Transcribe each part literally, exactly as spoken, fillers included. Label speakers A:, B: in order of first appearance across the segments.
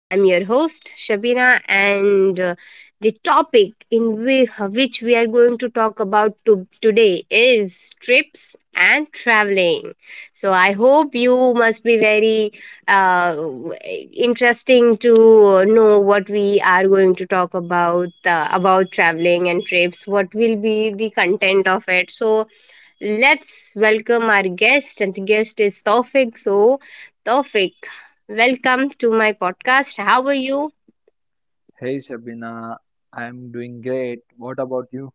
A: I'm your host, Shabina, and uh, the topic in whi- which we are going to talk about to- today is trips and traveling. So, I hope you must be very uh, w- interesting to know what we are going to talk about uh, about traveling and trips. What will be the content of it? So, let's welcome our guest, and the guest is Taufik. So, Taufik, welcome to my podcast. How are you?
B: Hey Shabina, I'm doing great. What about you?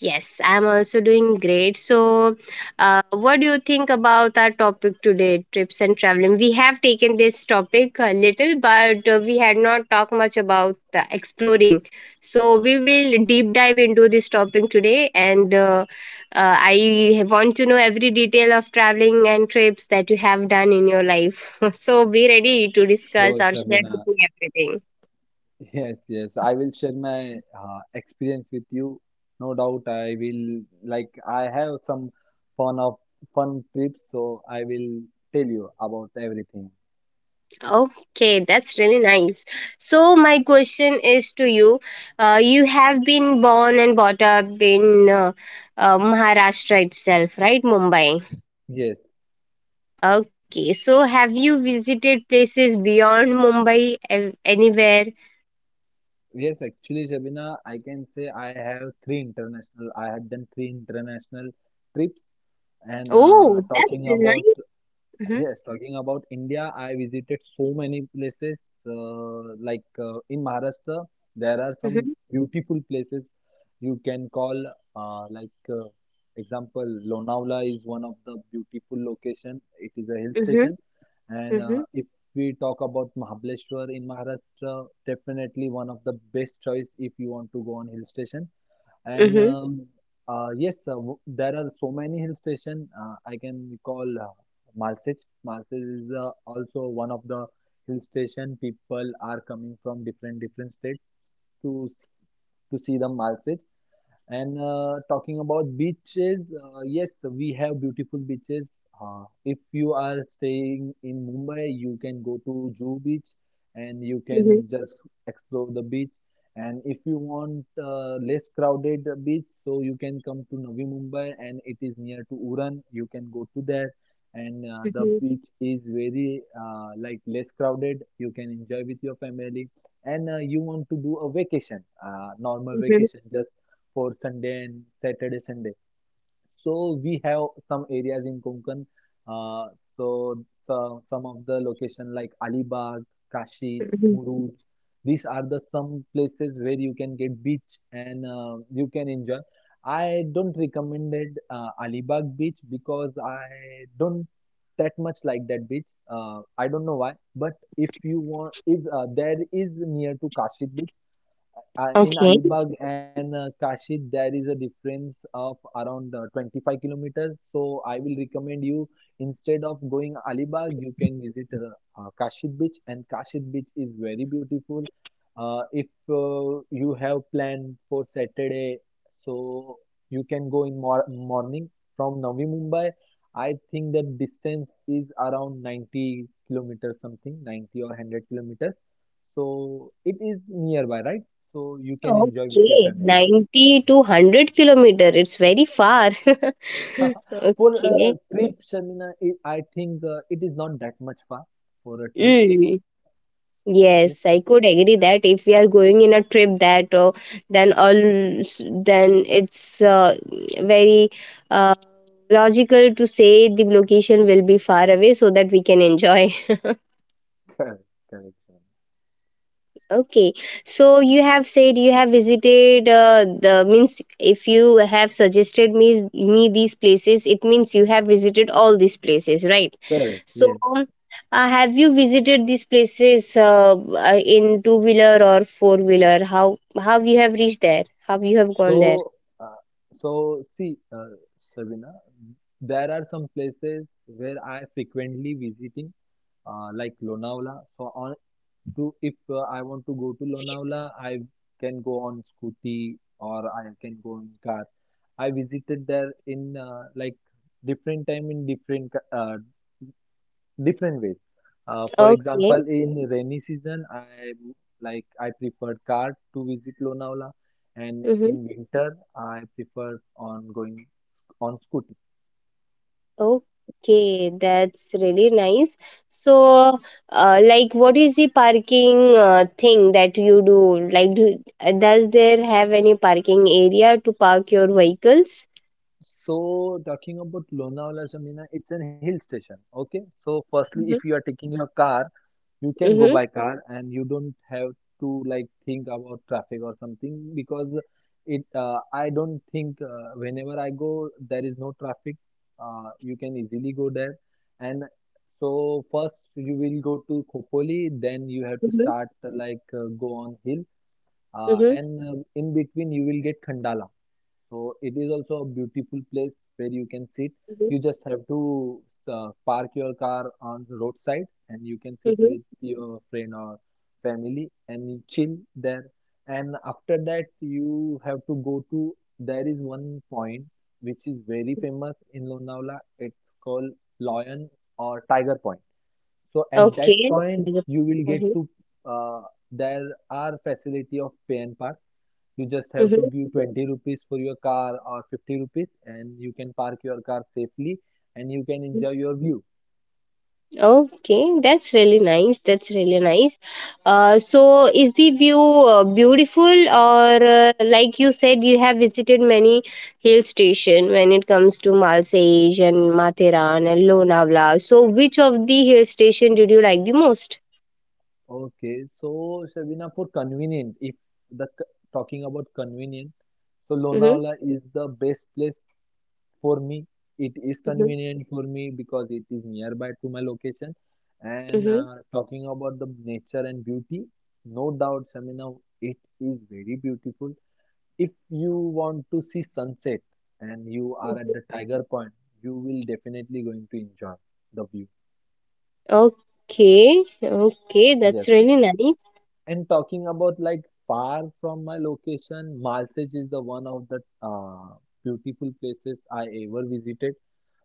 A: Yes, I'm also doing great. So, uh, what do you think about our topic today, trips and traveling? We have taken this topic a little, but uh, we had not talked much about the exploring. So, we will deep dive into this topic today, and uh, uh, I want to know every detail of traveling and trips that you have done in your life. So, be ready to discuss
B: Sure,
A: or share with
B: Shabina.
A: me everything.
B: Yes, yes. I will share my uh, experience with you. No doubt, I will, like, I have some fun of fun trips, so I will tell you about everything.
A: Okay, that's really nice. So my question is to you. Uh, you have been born and brought up in uh, uh, Maharashtra itself, right? Mumbai.
B: Yes,
A: Okay, so have you visited places beyond Mumbai ev- anywhere?
B: yes. Actually, Shabina, I can say I have three international. I have done three international trips, and uh,
A: Oh, that's
B: talking
A: really
B: about —
A: nice. Mm-hmm,
B: yes, talking about India, I visited so many places. Uh, like uh, in Maharashtra, there are some
A: mm-hmm,
B: beautiful places you can call. Uh, like uh, example, Lonavala is one of the beautiful location. It is a hill
A: mm-hmm,
B: station, and
A: mm-hmm,
B: uh, if we talk about Mahabaleshwar in Maharashtra, definitely one of the best choice if you want to go on hill station. And
A: mm-hmm,
B: um, uh, yes, uh, w- there are so many hill station. Uh, I can recall uh, Malsej. Malsej is uh, also one of the hill station. People are coming from different different states to s- to see the Malsej. And uh, talking about beaches, uh, yes, we have beautiful beaches. Uh, if you are staying in Mumbai, you can go to Juhu Beach and you
A: mm-hmm,
B: can just explore the beach. And if you want uh, less crowded uh, beach, so you can come to Navi Mumbai and it is near to Uran. You can go to there, and uh, the
A: mm-hmm,
B: beach is very uh, like less crowded. You can enjoy with your family, and uh, you want to do a vacation, uh, normal
A: mm-hmm.
B: vacation, just for Sunday and Saturday, Sunday. So we have some areas in Konkan. Uh, so, so some of the location like Alibag, Kashi,
A: Mm-hmm.
B: Murud. These are the some places where you can get beach, and uh, you can enjoy. I don't recommended uh, Alibag beach because I don't that much like that beach. Uh, I don't know why, but if you want, if uh, there is near to Kashi beach. Uh, in
A: Okay.
B: Alibag and uh, Kashi, there is a difference of around uh, twenty-five kilometers. So I will recommend you, instead of going Alibag, you can visit uh, uh, Kashi Beach, and Kashi Beach is very beautiful. Uh, if uh, you have planned for Saturday, so you can go in mor morning from Navi Mumbai. I think the distance is around ninety kilometers, something ninety or one hundred kilometers. So it is nearby, right? So you can enjoy with your
A: Okay,
B: family.
A: ninety to one hundred kilometer. It's very far.
B: For
A: Okay.
B: a trip, Shamina, it, I think uh, it is not that much far for a trip.
A: Mm,
B: So yes,
A: yes, I could agree that if we are going in a trip that uh, then all s- then it's uh, very uh, logical to say the location will be far away so that we can enjoy.
B: correct, correct, Shamina.
A: Okay, so you have said you have visited uh, the means if you have suggested me me these places, it means you have visited all these places, right?
B: Correct,
A: So,
B: yes.
A: um, uh, have you visited these places uh, uh, in two wheeler or four wheeler? How how you have reached there? How you have gone there?
B: So, uh, so see, uh, Sabina, there are some places where I frequently visiting, uh, like Lonavala. So on to if uh, I want to go to Lonavala, I can go on scooty or I can go in car. I visited there in uh, like different time in different ca- uh, different ways. Uh, for
A: Okay.
B: example, in rainy season, I like I preferred car to visit Lonavala, and
A: Mm-hmm.
B: in winter, I prefer on going on scooty.
A: Okay, that's really nice. So, uh, like, what is the parking uh, thing that you do? Like, do, uh, does there have any parking area to park your vehicles?
B: So talking about Lonavala, Shamina, it's a hill station. Okay, so firstly, if
A: Mm-hmm.
B: you are taking your car, you can go
A: Mm-hmm.
B: by car and you don't have to like think about traffic or something because it, uh, I don't think uh, whenever I go there is no traffic. Uh, you can easily go there, and so first you will go to Khopoli, then you have to
A: Mm-hmm.
B: start uh, like uh, go on hill, uh,
A: Mm-hmm.
B: and uh, in between you will get Khandala, so it is also a beautiful place where you can sit. You just have to uh, park your car on the roadside and you can sit
A: Mm-hmm.
B: with your friend or family and chill there. And after that, you have to go to, there is one point which is very famous in Lonavala. It's called Lion or Tiger Point. So at that
A: Okay.
B: point,
A: Mm-hmm.
B: you will get to, uh, there are facility of Payan Park. You just have
A: Mm-hmm.
B: to give twenty rupees for your car or fifty rupees and you can park your car safely and you can enjoy your view.
A: Okay, that's really nice. That's really nice. Uh, so, is the view uh, beautiful, or uh, like you said, you have visited many hill station when it comes to Malsej and Matheran and Lonavala. So, which of the hill station did you like the most?
B: Okay, so Shabina, for convenient, if the talking about convenient, so
A: Mm-hmm,
B: Lonavala is the best place for me. It is
A: mm-hmm,
B: convenient for me because it is nearby to my location. And
A: mm-hmm.
B: uh, talking about the nature and beauty, no doubt, Shamina, it is very beautiful. If you want to see sunset and you are at
A: Mm-hmm.
B: the Tiger Point, you will definitely going to enjoy the view.
A: Okay, okay, that's
B: Yes.
A: really nice.
B: And talking about like far from my location, Malsej is the one of the uh, beautiful places I ever visited,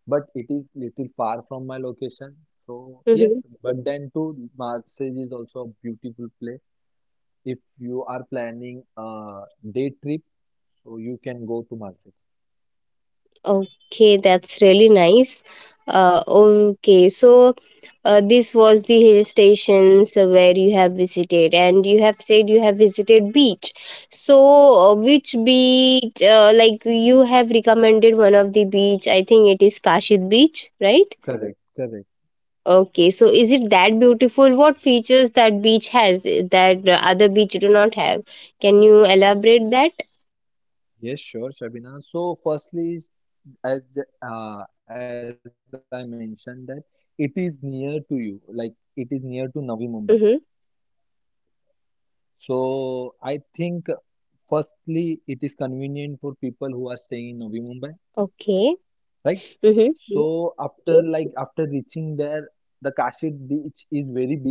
B: but it is little far from my location. So
A: Mm-hmm.
B: yes, but then too, Malsej is also a beautiful place. If you are planning a day trip, so you can go to Malsej.
A: Okay, that's really nice. Uh, okay, so uh, this was the hill stations uh, where you have visited, and you have said you have visited beach. So, uh, which beach? Uh, like you have recommended one of the beach. I think it is Kashid Beach, right?
B: Correct, correct.
A: Okay, so is it that beautiful? What features that beach has eh, that uh, other beach do not have? Can you elaborate that?
B: Yes, sure, Shabina. So, firstly, is- as the- uh, as I mentioned that it is near to you, like it is near to Navi Mumbai.
A: Mm-hmm.
B: So, I think uh, firstly it is convenient for people who are staying in Navi Mumbai,
A: Okay.
B: right? So,
A: Mm-hmm.
B: after like after reaching there, the Kashi beach is very big beach.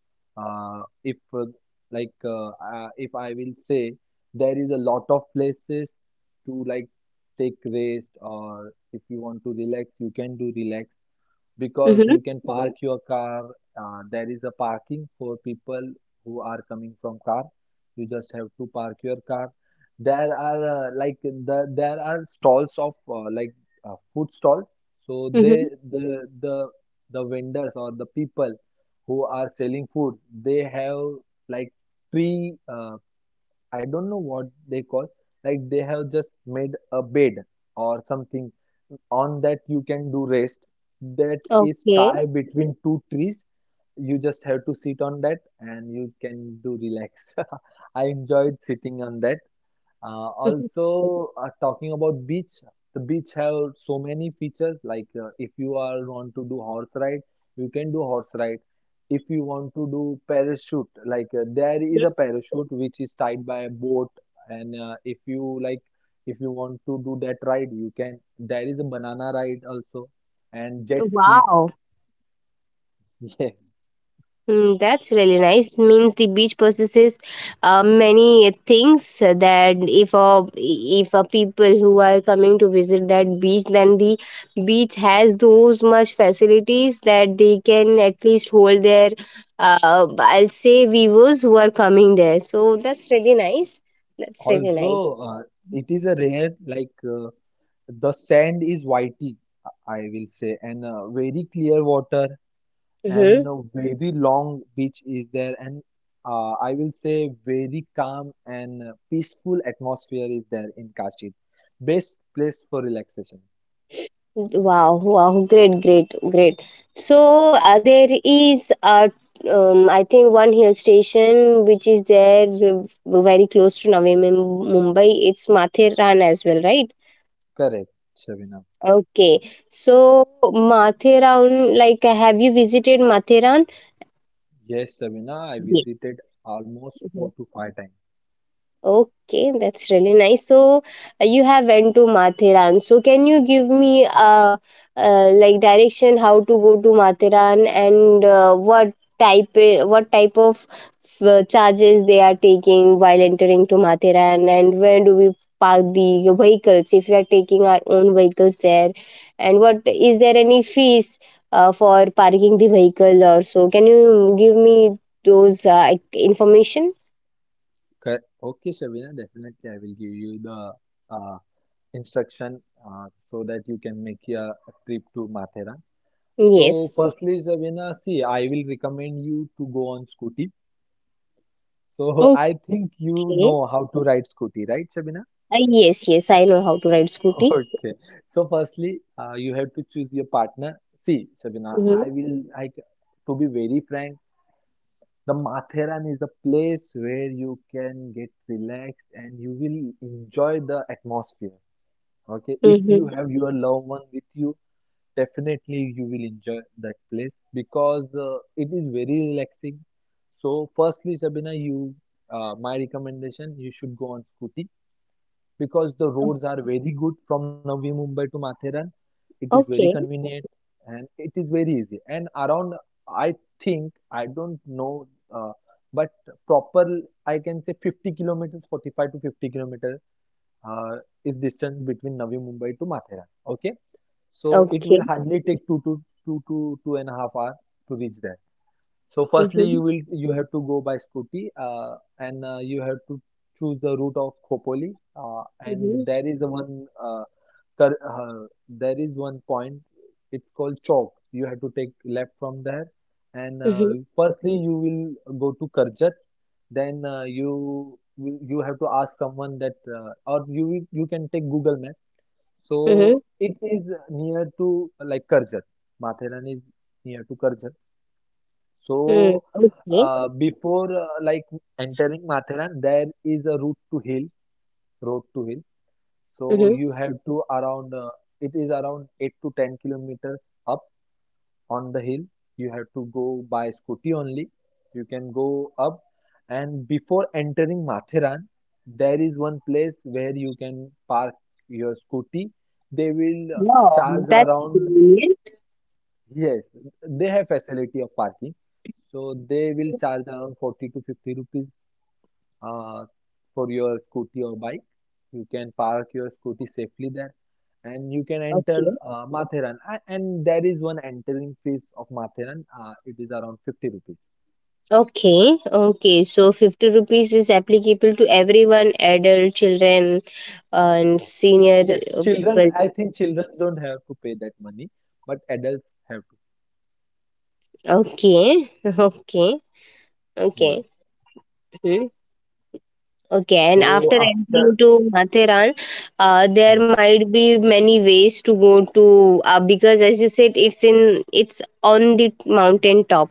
B: uh, if uh, like uh, uh, if I will say, there is a lot of places to like take rest, or if you want to relax you can do relax because
A: Mm-hmm. Mm-hmm.
B: you can park your car. Uh, there is a parking for people who are coming from car. You just have to park your car. There are uh, like the, there are stalls of uh, like uh, food stalls. So they
A: Mm-hmm,
B: the the the vendors or the people who are selling food, they have like three. uh, I don't know what they call, like they have just made a bed or something on that you can do rest, that is
A: okay.
B: tied between two trees. You just have to sit on that and you can do relax. I enjoyed sitting on that. Uh, also, uh, talking about beach, the beach have so many features. Like uh, if you are want to do horse ride, you can do horse ride. If you want to do parachute, like uh, there is a parachute which is tied by a boat, and uh, if you like, if you want to do that ride, you can. There is a banana ride also, and jet ski.
A: Wow.
B: Yes.
A: Mm, that's really nice. Means the beach possesses uh, many things that if a if a people who are coming to visit that beach, then the beach has those much facilities that they can at least hold their uh, I'll say viewers who are coming there. So that's really nice. That's really nice.
B: Also, uh, it is a rare like. Uh, The sand is whitey, I will say, and uh, very clear water, and
A: Mm-hmm.
B: a very long beach is there, and uh, I will say very calm and uh, peaceful atmosphere is there in Kashi. Best place for relaxation.
A: Wow, wow, great, great, great. So uh, there is a um, I think one hill station which is there uh, very close to Navi Mum- Mumbai. It's Mathiran as well, right?
B: Correct, Shabina.
A: Okay. So Mathiran, like, have you visited Mathiran?
B: Yes, Shabina, I
A: Yes.
B: visited almost four to five times.
A: Okay, that's really nice. So uh, you have went to Mathiran. So can you give me uh, uh like direction how to go to Mathiran and uh, what type uh, what type of uh, charges they are taking while entering to Mathiran and where do we park the vehicles if we are taking our own vehicles there and what is there any fees uh, for parking the vehicle or so can you give me those uh, information?
B: Cor- Okay, Shabina, definitely I will give you the uh, instruction uh, so that you can make your trip to Mathera. So,
A: Yes,
B: firstly, Javina, see, I will recommend you to go on Scooty. So, I think you
A: okay.
B: know how to ride Scooty, right, Shabina?
A: Uh, yes, yes, I know how to ride scooty.
B: Okay. So, firstly, uh, you have to choose your partner. See, Shabina,
A: Mm-hmm.
B: I will, I, c- to be very frank, the Matheran is a place where you can get relaxed and you will enjoy the atmosphere. Okay. If you
A: Mm-hmm.
B: have your loved one with you, definitely you will enjoy that place because uh, it is very relaxing. So, firstly, Sabina, you, uh, my recommendation, you should go on scooty because the roads are very good from Navi Mumbai to Matheran. It is very
A: Okay.
B: convenient and it is very easy. And around, I think I don't know, uh, but proper I can say fifty kilometers, forty-five to fifty kilometers uh, is distance between Navi Mumbai to Mathera. Okay, so it
A: Okay.
B: will hardly take two to two to two and a half hour to reach there. So firstly,
A: Mm-hmm.
B: you will you have to go by scooty, uh, and uh, you have to choose the route of Khopoli, uh, and
A: Mm-hmm.
B: there is a one uh, cur- uh, there is one point. It's called Chowk. You have to take left from there, and uh,
A: Mm-hmm.
B: firstly you will go to Karjat. Then uh, you will you have to ask someone that, uh, or you will- you can take Google Map. So
A: Mm-hmm.
B: it is near to uh, like Karjat. Matheran is near to Karjat.
A: Mm,
B: So,
A: okay.
B: uh, before uh, like entering Matheran, there is a route to hill, road to hill. So
A: Mm-hmm.
B: you have to around, uh, it is around eight to ten kilometers up on the hill. You have to go by scooty only. You can go up, and before entering Matheran, there is one place where you can park your scooty. They will uh,
A: Wow,
B: charge
A: that's
B: around —
A: brilliant.
B: yes, they have facility of parking. So they will charge around forty to fifty rupees uh, for your scooty or bike. You can park your scooty safely there and you can enter
A: Okay.
B: uh, Matheran. A- And there is one entering fees of Matheran. Uh, it is around fifty rupees.
A: Okay. Okay. So fifty rupees is applicable to everyone, adult, children, and senior
B: Yes,
A: uh,
B: children,
A: people.
B: I think children don't have to pay that money, but adults have to.
A: Okay. Okay. Okay.
B: Yes.
A: Mm-hmm. Okay, and
B: So
A: after
B: after,
A: entering to Matheran, uh, there
B: yes.
A: might be many ways to go to uh, because as you said, it's in it's on the mountain top,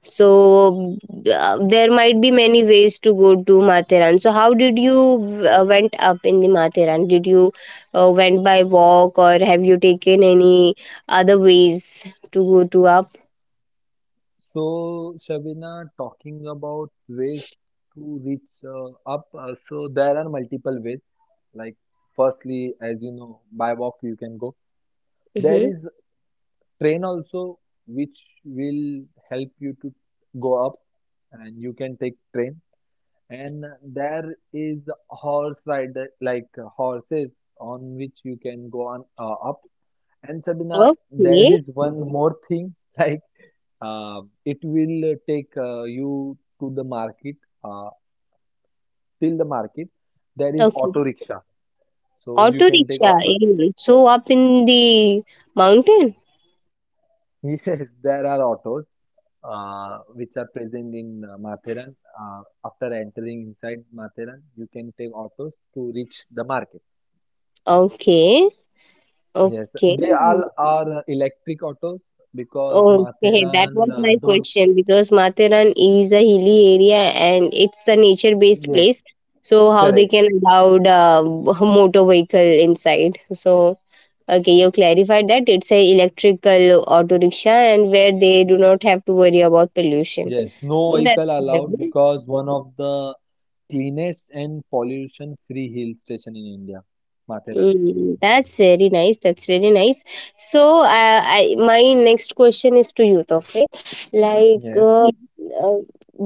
A: so uh, there might be many ways to go to Matheran. So how did you uh, went up in the Matheran? Did you uh, went by walk or have you taken any other ways to go to up?
B: So, Shabina, talking about ways to reach uh, up, uh, so there are multiple ways. Like, firstly, as you know, by walk you can go. There
A: Mm-hmm.
B: is train also, which will help you to go up, and you can take train. And there is horse ride, like uh, horses on which you can go on uh, up. And Sabina, there
A: Okay,
B: is one more thing, like uh, it will uh, take uh, you to the market, uh, till the market. There is
A: okay.
B: auto rickshaw. So
A: Auto
B: you can take
A: rickshaw.
B: auto.
A: Eh. So up in the mountain.
B: Yes, there are autos uh, which are present in uh, Matheran. Uh, after entering inside Matheran, you can take autos to reach the market.
A: Okay,
B: Yes,
A: okay,
B: they all are uh, electric autos because
A: okay. That was
B: Matheran uh,
A: my
B: don't.
A: question because Matharan is a hilly area and it's a nature-based
B: Yes,
A: place. So how they
B: correct.
A: can allow uh, motor vehicle inside? So okay, you clarified that it's a electrical auto rickshaw and where they do not have to worry about pollution.
B: Yes, no
A: That's
B: vehicle allowed
A: good.
B: because one of the cleanest and pollution-free hill station in India, Matheran is.
A: Mm, that's very nice. That's really nice. So, uh, I my next question is to you, Tawfiq. Like,
B: Yes,
A: uh, uh,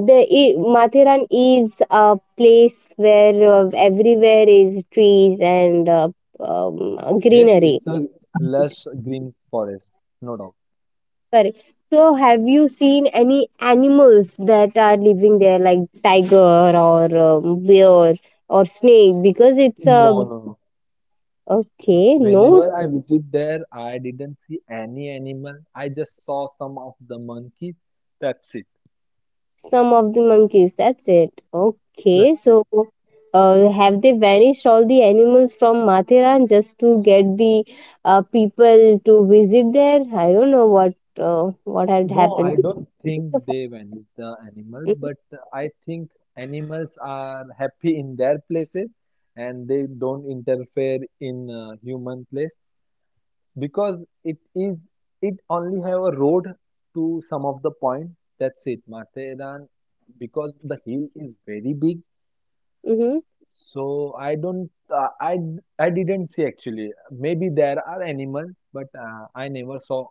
A: the i- Mathiran is a place where uh, everywhere is trees and uh, um,
B: yes,
A: greenery.
B: it's a lush green forest, no doubt.
A: Correct. So, have you seen any animals that are living there, like tiger or um, bear or snake? Because it's
B: No,
A: a
B: no, no.
A: okay, no.
B: Whenever I visit there, I didn't see any animal. I just saw some of the monkeys. That's it.
A: Some of the monkeys, that's it. Okay,
B: That's it.
A: so uh, have they vanished all the animals from Mathiran just to get the uh, people to visit there? I don't know what uh, what had
B: No,
A: happened.
B: I don't think they vanish the animals,
A: Mm-hmm.
B: but I think animals are happy in their places and they don't interfere in uh, human place, because it is it only have a road to some of the point. That's it, Matheran, because the hill is very big.
A: Mm-hmm.
B: So I don't, uh, I I didn't see actually. Maybe there are animals but uh, I never saw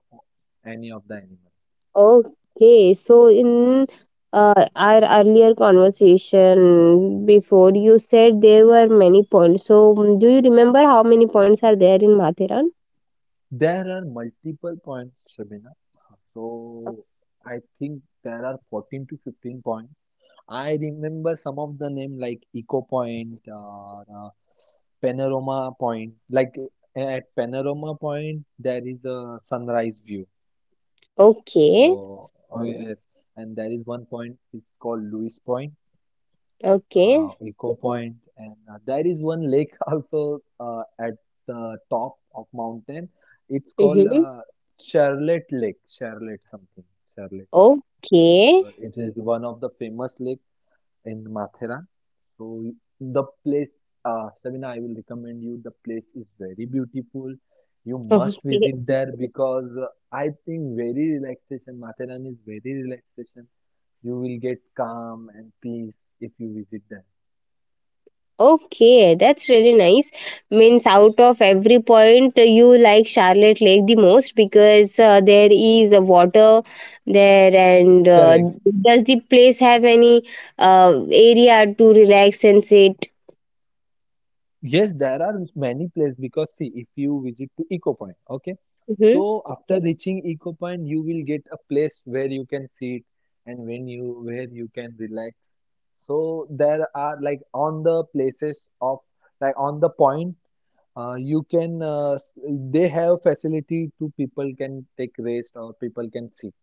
B: any of the animals.
A: Okay, so in uh, our earlier conversation before, you said there were many points. So, mm, do you remember how many points are there in Mathiran?
B: There are multiple points, Shabina, so I think there are fourteen to fifteen points. I remember some of the name like Eco Point, uh, uh, Panorama Point. Like at Panorama Point, there is a sunrise view. So
A: Okay,
B: oh yes, and there is one point. It's called Lewis Point, uh,
A: okay.
B: Eco Point, and uh, there is one lake also uh, at the top of mountain. It's called
A: Mm-hmm.
B: uh, Charlotte Lake, Charlotte something, Charlotte Lake.
A: Okay.
B: So it is one of the famous lake in Mathura. So the place, uh, Sabina, I will recommend you. The place is very beautiful. You
A: Okay.
B: must visit there because uh, I think very relaxation. Matharan is very relaxation. You will get calm and peace if you visit there.
A: Okay, that's really nice. Means out of every point you like Charlotte Lake the most because uh, there is a water there and uh,
B: Correct.
A: does the place have any uh, area to relax and sit?
B: Yes, there are many places because see, if you visit to Eco Point, okay.
A: Hmm.
B: So after reaching Eco Point, you will get a place where you can sit and when you where you can relax. So there are like on the places of like on the point, uh, you can uh, s- they have facility to people can take rest or people can sit.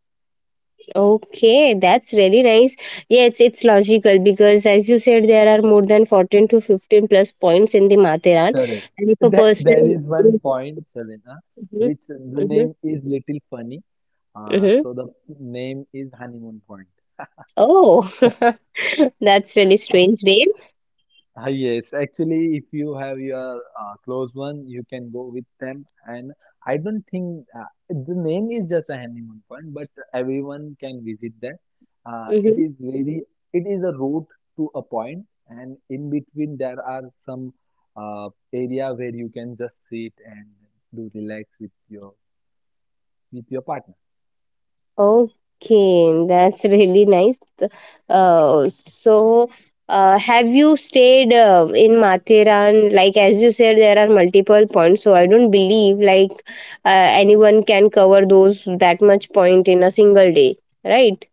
A: Okay, that's really nice. Yes, it's logical because as you said, there are more than fourteen to fifteen plus points in the Matheran.
B: Correct.
A: And if a
B: That
A: person
B: there is
A: is,
B: one point, Shavina,
A: mhm,
B: which the
A: mhm,
B: name is little funny. Uh,
A: mhm.
B: so the name is honeymoon point.
A: Oh, that's really strange name.
B: Ah, yes, actually, if you have your uh, close one, you can go with them. And I don't think uh, the name is just a honeymoon point, but everyone can visit there. Uh, it
A: Hmm.
B: is very, it is a route to a point, and in between there are some uh, area where you can just sit and do relax with your with your partner.
A: Okay, that's really nice. Th- Uh, so, uh, have you stayed uh, in Mathiran? Like as you said, there are multiple points, so I don't believe like uh, anyone can cover those that much point in a single day, right?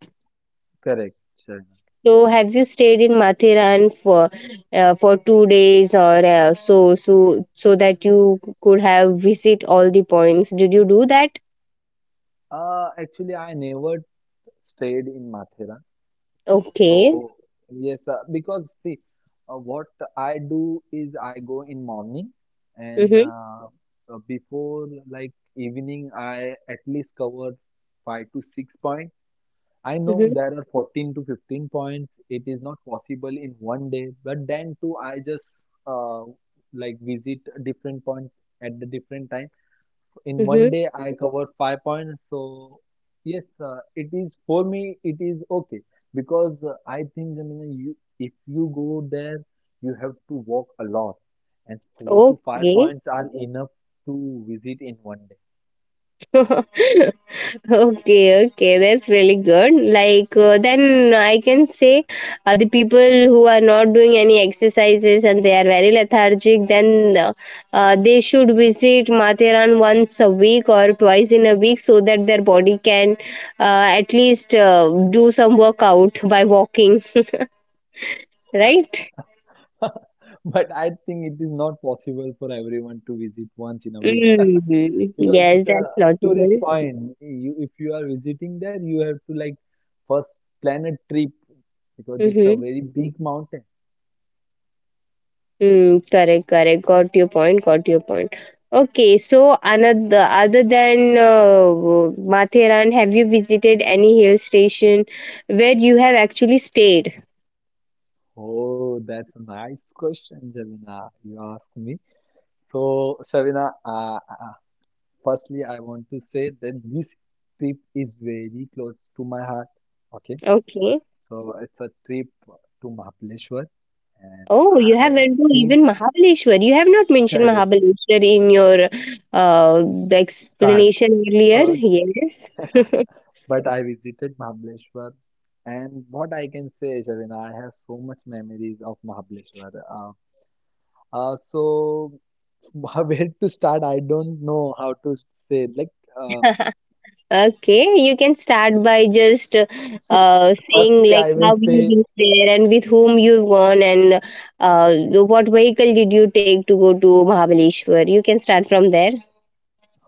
B: Correct, Sharna.
A: So, have you stayed in Mathiran for uh, for two days or uh, so so so that you could have visit all the points? Did you do that?
B: Uh, actually, I never stayed in Mathera.
A: Okay.
B: So, yes, uh, because see, uh, what I do is I go in morning and
A: Mhm.
B: uh, uh, before like evening, I at least cover five to six points. I know
A: Mhm.
B: there are fourteen to fifteen points. It is not possible in one day, but then too, I just uh, like visit different points at the different time. In one
A: Mhm.
B: day I covered five points. So yes, uh, it is for me. It is okay because uh, I think Jamina, you if you go there, you have to walk a lot, and four to five
A: Okay.
B: points are enough to visit in one day.
A: Okay. Okay. That's really good. Like uh, then I can say, uh, the people who are not doing any exercises and they are very lethargic, then uh, uh, they should visit Mathiran once a week or twice in a week so that their body can uh, at least uh, do some workout by walking. Right.
B: But I think it is not possible for everyone to visit once in a week
A: Mm-hmm.
B: because
A: Yes,
B: it's a
A: that's logical.
B: tourist point. You, if you are visiting there, you have to like first plan a trip because it's a
A: Mm-hmm.
B: very big mountain.
A: Hmm. Correct, correct. Got your point. Got your point. Okay, so another other than uh, Matheran, have you visited any hill station where you have actually stayed?
B: Oh, that's a nice question, Javina. You asked me. So, Shavina, uh, uh, firstly, I want to say that this trip is very close to my heart. Okay,
A: Okay.
B: so it's a trip to Mahabaleshwar, and
A: Oh, you have
B: I
A: went to
B: think
A: even Mahabaleshwar. You have not mentioned
B: correct
A: Mahabaleshwar in your uh, the
B: start.
A: explanation earlier.
B: Uh,
A: Yes.
B: but I visited Mahabaleshwar, and what I can say, Shavina, I have so much memories of Mahabaleshwar. Uh, uh, so wh- where to start, I don't know how to say. Like uh,
A: Okay, you can start by just
B: see
A: uh, saying
B: firstly
A: like
B: I will
A: how you
B: say
A: reached there and with whom you've gone and uh, what vehicle did you take to go to Mahabaleshwar. You can start from there.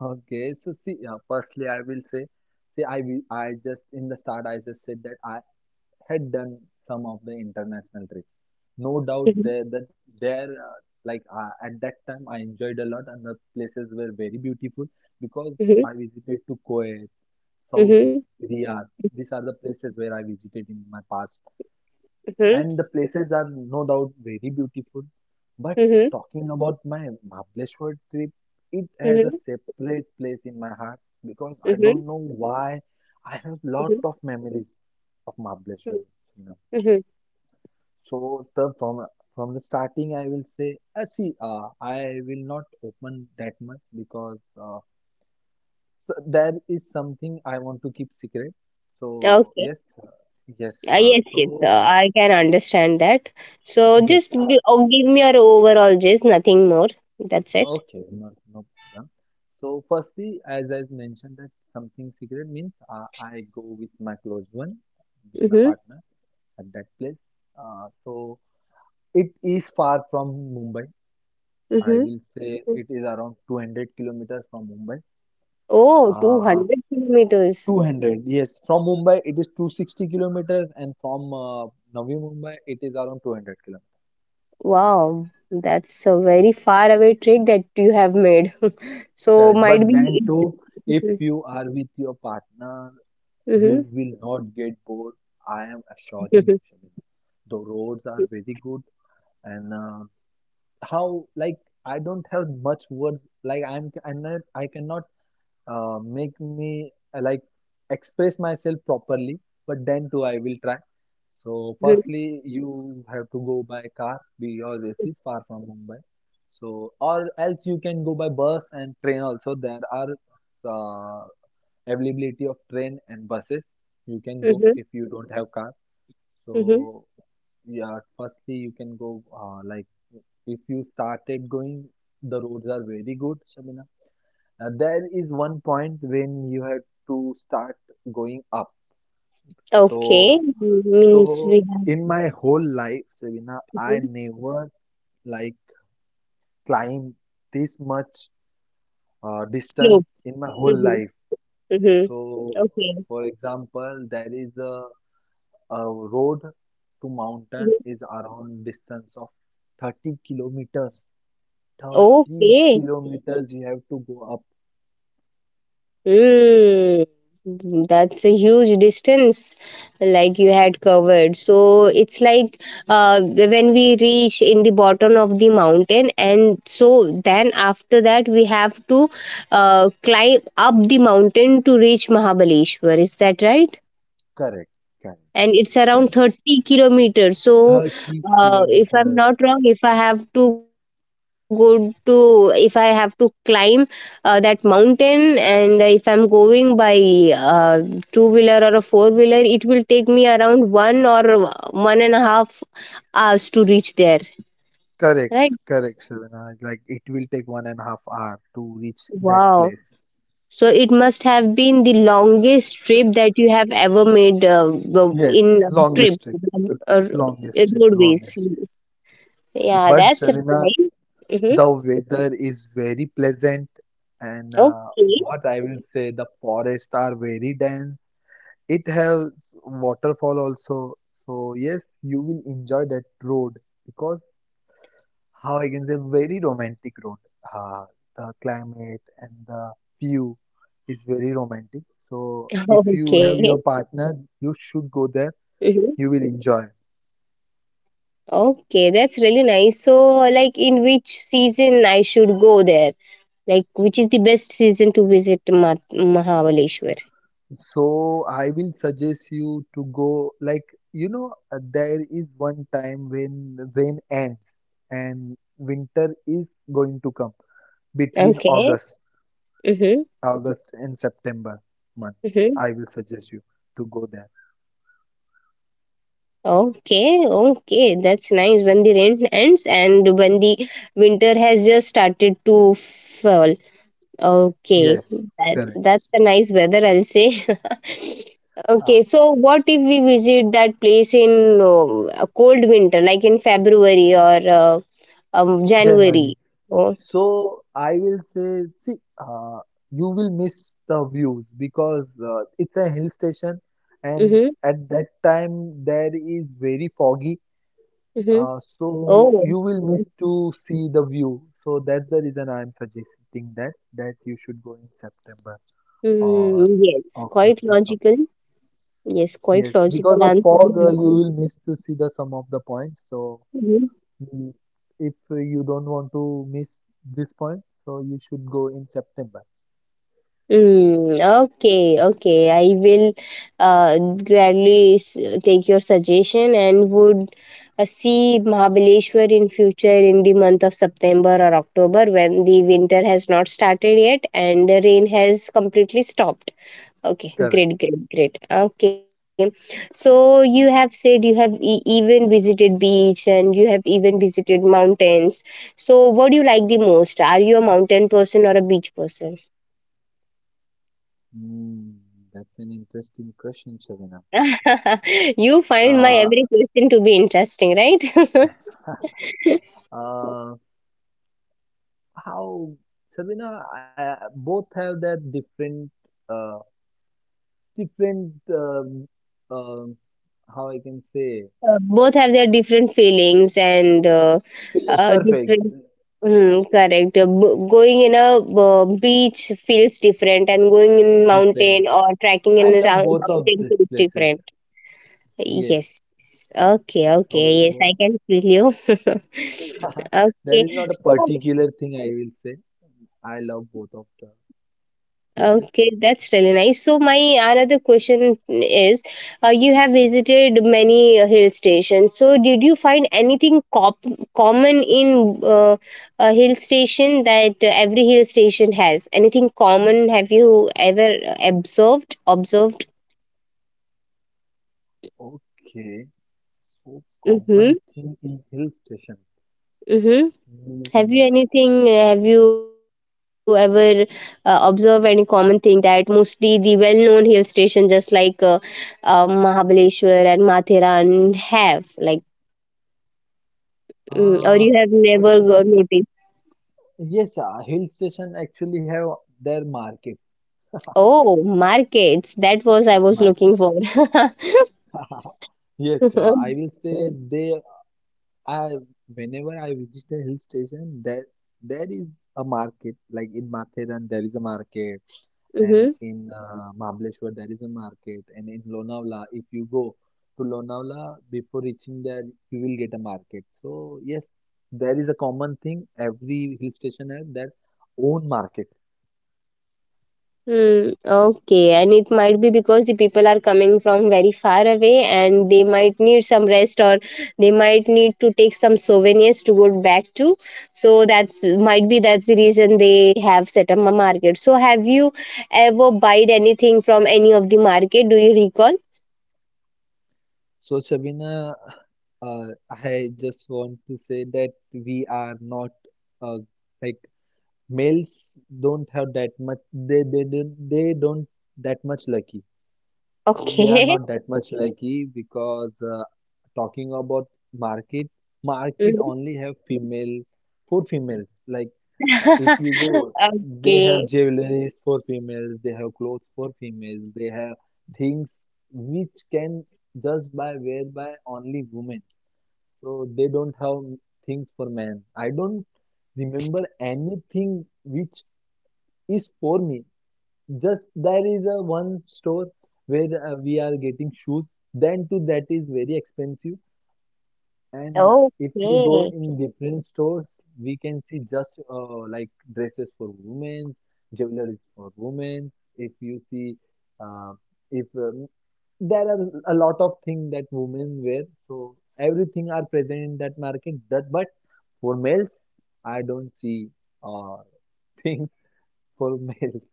B: okay so see uh, firstly I will say see I will I just in the start I just said that I had done some of the international trips, no doubt
A: Mhm,
B: there that there uh, like uh, at that time I enjoyed a lot and the places were very beautiful because
A: mhm,
B: I visited to Kuwait, Saudi,
A: mhm,
B: Riyadh. These are the places where I visited in my past,
A: mhm,
B: and the places are no doubt very beautiful. But
A: mhm,
B: talking about my Mahabaleshwar trip, it has a
A: mhm,
B: separate place in my heart because I
A: mhm,
B: don't know why I have lot
A: mhm,
B: of memories of Mahabaleshwar. Sunam.
A: mhm.
B: So, sir, from from the starting, I will say, uh, see, uh, I will not open that much because uh, s- there is something I want to keep secret. So,
A: Okay.
B: yes, uh, yes,
A: Uh,
B: uh,
A: yes, yes. Uh,
B: so
A: I can understand that. So
B: yes,
A: just
B: uh,
A: gi- oh, give me your overall gist, nothing more. That's it.
B: okay, no, no problem. So, firstly, as I mentioned, that something secret means uh, I go with my close one, with my
A: Mm-hmm.
B: partner at that place. Uh, so, it is far from Mumbai. I
A: Mm-hmm.
B: will say it is around two hundred kilometers from Mumbai.
A: Oh,
B: Uh,
A: two hundred kilometers.
B: two hundred, yes, from Mumbai it is two hundred sixty kilometers, and from uh, Navi Mumbai it is around two hundred kilometers.
A: Wow, that's a very
B: Yes.
A: far away trick that you have made. So
B: Correct.
A: might
B: But then
A: be.
B: too, if you are with your partner, you
A: Mhm,
B: will not get bored, I am assuring
A: mhm,
B: you, Shabina. The roads are very good, and uh, how like I don't have much words. Like I'm, I'm not, I cannot uh, make me uh, like express myself properly. But then too, I will try. So
A: mhm,
B: firstly, you have to go by car because it is far from Mumbai. So or else you can go by bus and train also. There are uh, availability of train and buses. You can go
A: mhm,
B: if you don't have car.
A: mhm.
B: So yeah, firstly you can go uh, like if you started going, the roads are very good, Shabina. uh, there is one point when you have to start going up. so
A: Okay,
B: so
A: means we have
B: in my whole life, Shabina, I
A: mhm.
B: never like climb this much uh, distance
A: Slope.
B: in my whole
A: Mhm,
B: life.
A: mhm.
B: So
A: Okay.
B: for example, there is a A road to mountain
A: Mhm.
B: is around distance of thirty kilometers. thirty
A: Okay.
B: kilometers you have to go up.
A: Mm, mm, that's a huge distance, like you had covered. So it's like uh, when we reach in the bottom of the mountain, and so then after that we have to uh, climb up the mountain to reach Mahabaleshwar. Is that right?
B: Correct, correct,
A: And it's around
B: correct.
A: thirty kilometers, so
B: thirty
A: uh, if I'm not
B: kilometers.
A: wrong, if I have to go to if I have to climb uh, that mountain and if I'm going by uh, two wheeler or a four wheeler it will take me around one or one and a half hours to reach there,
B: Correct,
A: right?
B: correct, Shravana. Like it will take one and a half hour to reach that
A: Wow,
B: place.
A: so it must have been the longest trip that you have ever made uh, w-
B: Yes,
A: in a trip
B: longest trip,
A: or, or
B: longest trip,
A: roadways.
B: longest trip.
A: Yeah,
B: But
A: that's
B: Shravana,
A: right. Mm-hmm.
B: the weather is very pleasant, and uh,
A: Okay.
B: what I will say, the forests are very dense. It has waterfall also. So yes, you will enjoy that road because how I can say very romantic road. Uh, the climate and the view is very romantic. So if you
A: Okay.
B: have your partner, you should go
A: Mm-hmm.
B: there. You will enjoy.
A: Okay, that's really nice. So, like, in which season I should go there? Like, which is the best season to visit Ma- Mahabaleshwar?
B: So I will suggest you to go like you know uh, there is one time when rain ends and winter is going to come, between
A: Okay.
B: August.
A: Mm-hmm.
B: August and September month.
A: Mm-hmm.
B: I will suggest you to go there.
A: Okay. Okay, that's nice. When the rain ends and when the winter has just started to fall, okay,
B: Yes,
A: that's
B: correct.
A: that's a nice weather, I'll say.
B: Uh,
A: Okay, so what if we visit that place in um, a cold winter, like in February or uh, um,
B: January.
A: January? Oh,
B: So I will say, see, uh, you will miss the views because uh, it's a hill station, and
A: mm-hmm,
B: at that time there is very foggy.
A: mm-hmm.
B: Uh, so
A: Oh,
B: you will miss to see the view. So that's the reason I am suggesting that that you should go in September or
A: mm, yes, quite
B: August and September.
A: logical. Yes, quite
B: Yes, because
A: logical
B: of
A: answer you
B: fog, uh,
A: have
B: you will miss to see the sum of the points. So,
A: given.
B: mm, if you don't want to miss this point, so you should go in September.
A: Mm, okay, okay. I will uh, gladly s- take your suggestion and would uh, see Mahabaleshwar in future in the month of September or October when the winter has not started yet and the rain has completely stopped. Okay,
B: Correct.
A: great, great, great. Okay, so you have said you have e- even visited beach and you have even visited mountains. So, what do you like the most? Are you a mountain person or a beach person?
B: Hmm, that's an interesting question, Shabina.
A: You find my
B: Uh,
A: every question to be interesting, right?
B: uh, how, Shabina, I, both have that different, uh, different, um, um, how I can say,
A: Uh, both have their different feelings and uh,
B: feel
A: uh,
B: perfect,
A: different. Mm, correct. Uh, b- going in a uh, beach feels different, and going in mountain
B: different.
A: or trekking in
B: I
A: a
B: love
A: rou-
B: both of
A: mountain
B: these
A: feels different.
B: places. Yes.
A: Yes, yes. Okay. Okay. Yes, I
B: So
A: can feel you.
B: there
A: Okay.
B: is not a
A: So.
B: particular thing I will say. I love both of the places.
A: Okay, that's really nice. So my another question is, uh, you have visited many uh, hill stations. So did you find anything cop- common in uh, a hill station that uh, every hill station has? Anything common have you ever uh, observed? Observed?
B: Okay, so
A: Mm-hmm.
B: common thing in hill station.
A: Mm-hmm. Have
B: Hmm.
A: you anything? Have you ever uh, observed any common thing that mostly the well-known hill station, just like uh, uh, Mahabaleshwar and Mathiran, have like, mm, or
B: Uh,
A: you have
B: I will
A: never
B: not.
A: got noticed?
B: Yes, uh, hill station actually have their market.
A: Oh, markets. That was I was
B: Market.
A: looking for.
B: Yes, uh, I will say they. I whenever I visit a hill station, there there is a market. Like in Matheran, there is a market. And
A: Hmm.
B: in uh, Mahabaleshwar there is a market, and in Lonavala if you go to Lonavala before reaching there you will get a market. So yes, there is a common thing: every hill station has their own market.
A: Hmm, okay. And it might be because the people are coming from very far away and they might need some rest or they might need to take some souvenirs to go back to. So that's might be that's the reason they have set up a market. So have you ever buyed anything from any of the market? Do you recall?
B: So Shabina, uh, I just want to say that we are not uh, like males don't have that much, they they don't they don't that much lucky. They are
A: Okay.
B: not that much lucky because uh, talking about market, market
A: Mhm.
B: only have female for females. Like uh, if you go, they have
A: Okay.
B: jewelries for females, they have clothes for females, they have things which can just by wear by only women. So they don't have things for men. I don't remember anything which is for me. Just there is a one store where uh, we are getting shoes. Then too that is very expensive. And uh, if we go
A: Okay.
B: in different stores, we can see just uh, like dresses for women, jewelry for women. If you see, uh, if um, there are a lot of things that women wear, so everything are present in that market. That but for males, I don't see uh, things for males.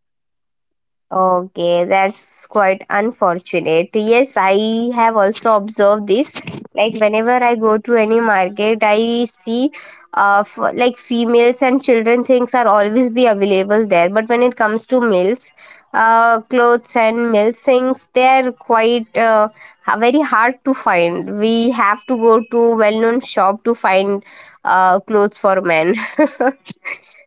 A: Okay, that's quite unfortunate. Yes, I have also observed this. Like whenever I go to any market, I see uh f- like females and children things are always be available there. But when it comes to males, uh, clothes and male things, they are quite uh, ha- very hard to find. We have to go to well-known shop to find uh, clothes for men.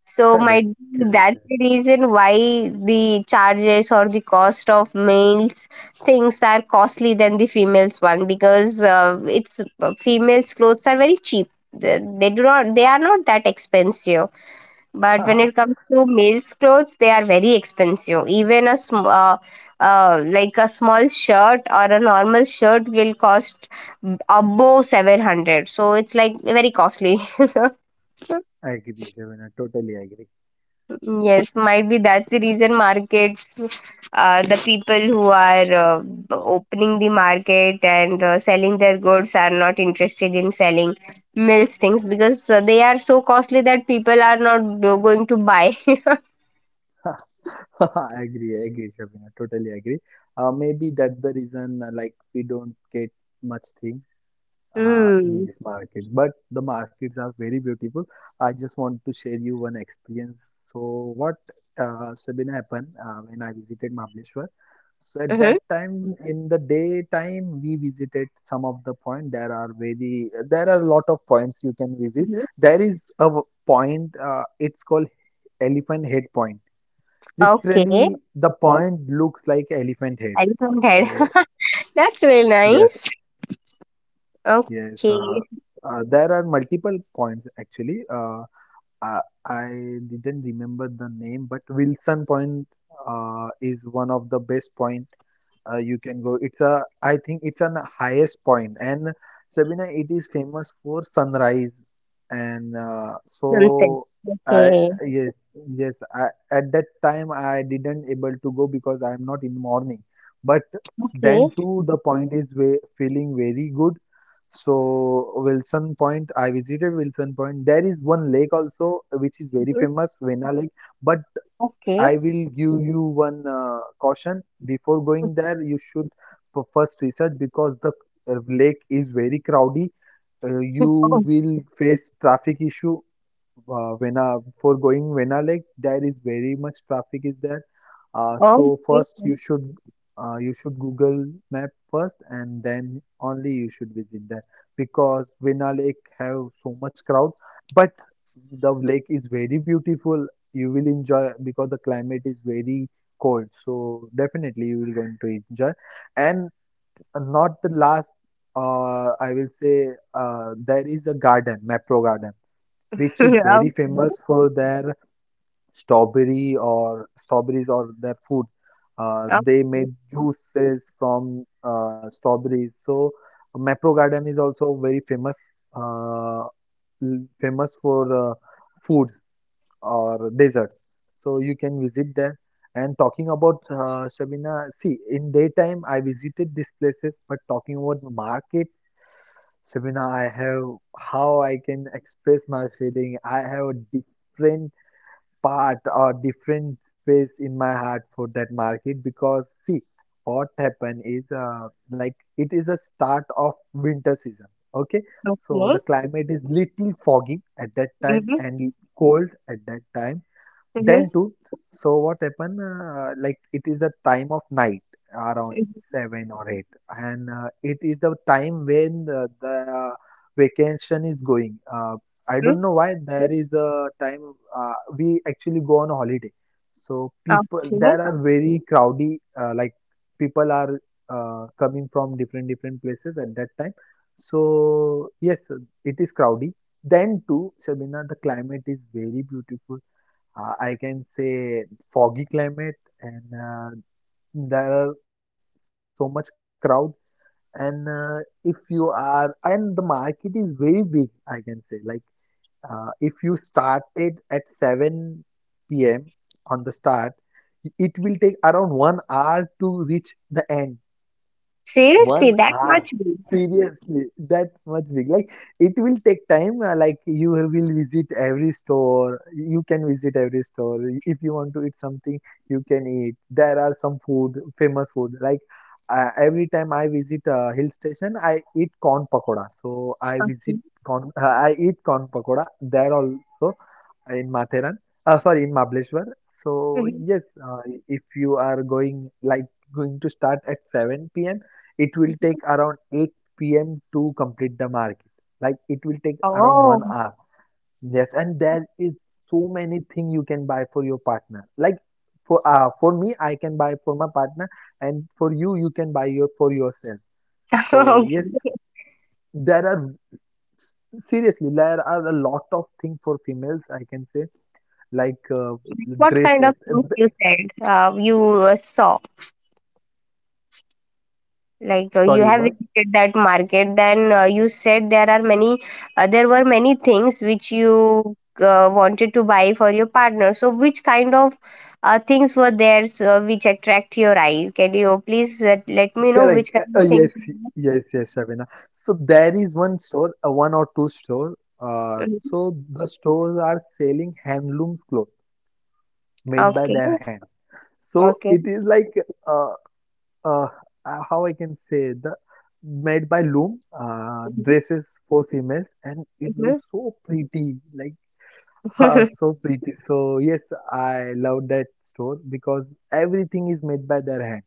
A: So
B: Correct,
A: might be
B: correct.
A: that's the reason why the charges or the cost of males things are costly than the females one because uh, it's uh, females clothes are very cheap. They they do not they are not that expensive. But
B: Shreya.
A: when it comes to males clothes, they are very expensive. Even a sm- uh, uh, like a small shirt or a normal shirt will cost above seven hundred, so it's like very costly.
B: I agree, Shabina. Totally agree.
A: Yes, might be that's the reason markets, uh, the people who are uh, opening the market and uh, selling their goods are not interested in selling mills things because uh, they are so costly that people are not do- going to buy.
B: I agree, I agree, Shabina. Totally agree. Uh, maybe that's the reason, uh, like, we don't get much thing uh, in
A: Hmm.
B: this market. But the markets are very beautiful. I just want to share you one experience. So what uh, Sabina happened uh, when I visited Mahabaleshwar. So at
A: Mm-hmm.
B: that time, in the daytime, we visited some of the point. There are very there are a lot of points you can visit.
A: Hmm.
B: There is a w- point. Uh, it's called Elephant Head Point.
A: Okay.
B: Literally, the point looks like elephant head.
A: Elephant head.
B: So
A: That's really
B: yes.
A: nice.
B: Yes, uh,
A: Okay.
B: uh, there are multiple points actually. Uh, I, I didn't remember the name, but Wilson Point uh, is one of the best point uh, you can go. It's a, I think it's an highest point, and Sabina, it is famous for sunrise, and uh,
A: Sunset.
B: so I
A: Okay.
B: Yes, yes I, at that time I didn't able to go because I am not in morning, but
A: Okay.
B: then too the point is ve feeling very good. So Wilson Point, I visited Wilson Point. There is one lake also which is very
A: Mhm.
B: famous, Vena Lake. But
A: Okay.
B: I will give you one uh, caution before going there. You should p- first research because the uh, lake is very crowded. Uh, you will face traffic issue uh, Vena for going Vena Lake. There is very much traffic is there. Uh,
A: Oh,
B: so
A: okay.
B: first you should uh, you should Google Map first, and then only you should visit there because Vena Lake have so much crowd. But the lake is very beautiful. You will enjoy because the climate is very cold, so definitely you will going to enjoy. And not the last, uh, I will say uh, there is a garden, Mapro garden, which
A: Okay.
B: is very famous for their strawberry or strawberries or their food. Uh, they
A: Okay.
B: made juices from uh, strawberries, so Mapro garden is also very famous, uh, l- famous for uh, foods or deserts. So you can visit there. And talking about uh, Sabina, see, in daytime I visited these places, but talking about the market, Sabina, I have how I can express my feeling. I have a different part or different space in my heart for that market because see, what happened is uh, like it is a start of winter season. Okay, so
A: Okay.
B: the climate is little foggy at that time
A: Mhm.
B: and cold at that time.
A: Mhm.
B: Then too, so what happened? Uh, like it is the time of night around seven or eight, and uh, it is the time when the, the uh, vacation is going. Uh, I
A: Mhm.
B: don't know why there is a time uh, we actually go on a holiday. So people
A: Okay.
B: there are very crowdy. Uh, like people are uh, coming from different different places at that time. So yes, it is crowdy. Then too, Shabina, the climate is very beautiful. Uh, I can say foggy climate, and uh, there are so much crowd, and uh, if you are and the market is very big, I can say, like uh, if you started at seven p m on the start, it will take around one hour to reach the end. one
A: Seriously, that
B: hour.
A: much big.
B: Seriously, that much big. Like it will take time. Uh, like you will visit every store. You can visit every store. If you want to eat something, you can eat. There are some food, famous food. Like uh, every time I visit a hill station, I eat corn pakoda. So I
A: Okay.
B: visit corn. Uh, I eat corn pakoda there also in Matheran. Uh, sorry, in Mahabaleshwar. So
A: Mhm.
B: yes, uh, if you are going, like going to start at seven p.m, it will
A: Mhm.
B: take around eight p m to complete the market. Like it will take around
A: Oh.
B: one hour. Yes, and there is so many thing you can buy for your partner. Like for uh, for me, I can buy for my partner, and for you, you can buy your for yourself. So
A: Okay.
B: yes, there are s- seriously there are a lot of thing for females. I can say like uh,
A: What kind of
B: dresses. Uh,
A: things
B: th-
A: you said uh, you uh, saw? Like uh, you
B: Sorry,
A: have
B: what?
A: visited that market, then uh, you said there are many, uh, there were many things which you uh, wanted to buy for your partner. So, which kind of uh, things were there, so, which attract your eyes? Can you please uh, let me know which
B: Correct.
A: kind
B: Uh, uh,
A: of
B: yes,
A: things were
B: yes, yes, Shabina. So there is one store, uh, one or two store. Uh,
A: there? Mhm.
B: so the stores are selling handlooms cloth made by
A: Okay.
B: their hand. So
A: Okay.
B: it is like uh, uh, uh, how I can say the made by loom uh,
A: Mhm,
B: dresses for females, and it
A: mhm.
B: looks so pretty, like ah, so pretty. So yes, I love that store because everything is made by their hand.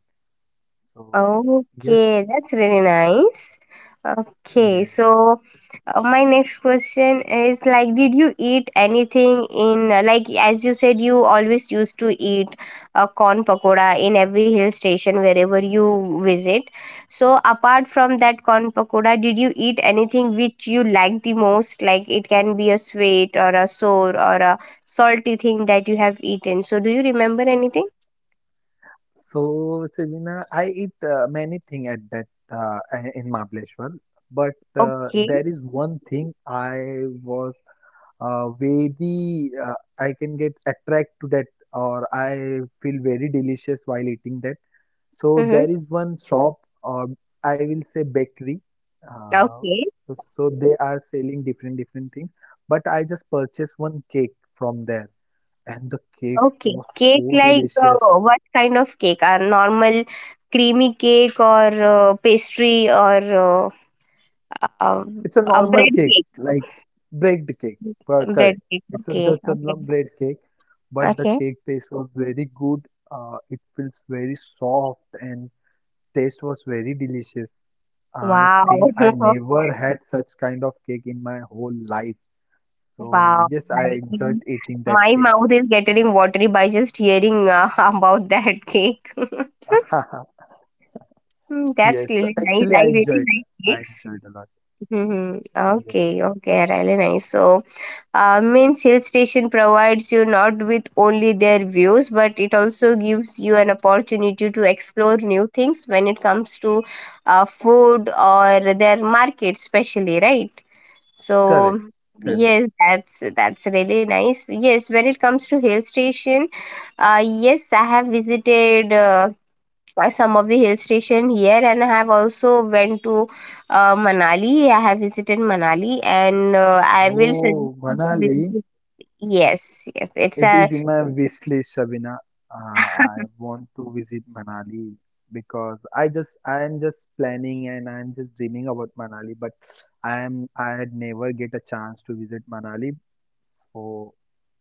B: So yes,
A: Okay, that's really nice. Okay,
B: yes.
A: so uh, my next question is like, did you eat anything in uh, like as you said, you always used to eat a corn pakoda in every hill station wherever you visit. So apart from that corn pakoda, did you eat anything which you like the most? Like it can be a sweet or a sour or a salty thing that you have eaten. So do you remember anything?
B: So, Sabina, I eat uh, many things at that uh, in Mahabaleshwar, but uh,
A: Okay.
B: there is one thing I was uh, very uh, I can get attracted to that, or I feel very delicious while eating that. So
A: Mhm.
B: there is one shop, or I will say bakery. Uh,
A: Okay.
B: so they are selling different different things, but I just purchased one cake from there, and the cake
A: Okay.
B: was
A: Cake
B: so
A: like
B: delicious.
A: uh, what kind of cake? A normal creamy cake or uh, pastry or uh, a, a
B: It's a
A: a
B: normal
A: bread
B: cake,
A: cake?
B: like bread cake. Well,
A: Bread
B: correct.
A: cake.
B: It's a,
A: Okay.
B: just a
A: Okay.
B: num- bread cake, but the
A: Okay.
B: cake taste was very good. Uh, it feels very soft, and taste was very delicious. I
A: Wow.
B: think I never had such kind of cake in my whole life. So
A: Wow.
B: yes, I enjoyed
A: I-
B: eating that
A: My
B: cake.
A: mouth is getting watery by just hearing uh, about that cake. Mm, that's
B: Yes,
A: really nice.
B: actually
A: I
B: I
A: really
B: enjoyed.
A: like
B: I
A: cakes.
B: enjoyed a lot.
A: Mhm.
B: Yes,
A: Okay, okay, really nice. So, uh, means hill station provides you not with only their views, but it also gives you an opportunity to explore new things when it comes to uh, food or their market, especially, right? So,
B: correct, correct.
A: yes, that's that's really nice. Yes, when it comes to hill station, uh, yes, I have visited. Uh, by some of the hill station here, and I have also went to uh, Manali. I have visited Manali, and uh, I will suggest
B: Oh,
A: you to
B: Manali.
A: visit- yes, yes, it's
B: It
A: a
B: is in my wish list, Shabina. Uh, I want to visit Manali because I just I am just planning, and I am just dreaming about Manali, but I am I had never get a chance to visit Manali. So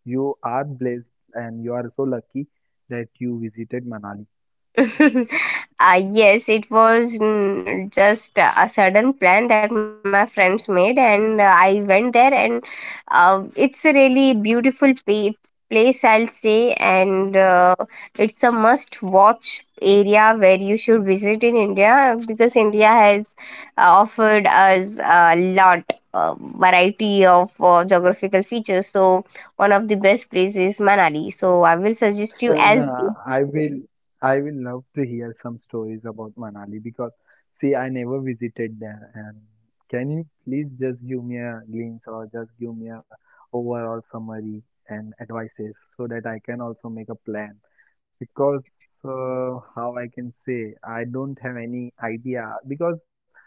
B: you are blessed, and you are so lucky that you visited Manali.
A: uh, yes, it was mm, just uh, a sudden plan that my friends made, and uh, I went there, and uh, it's a really beautiful pa- place, I'll say, and uh, it's a must watch area where you should visit in India, because India has uh, offered us a lot. Uh, variety of uh, geographical features, so one of the best places Manali, so I will suggest you
B: So,
A: as
B: no, I will, I will love to hear some stories about Manali because, see, I never visited there. And can you please just give me a glimpse or just give me a overall summary and advices so that I can also make a plan? Because uh, how I can say, I don't have any idea because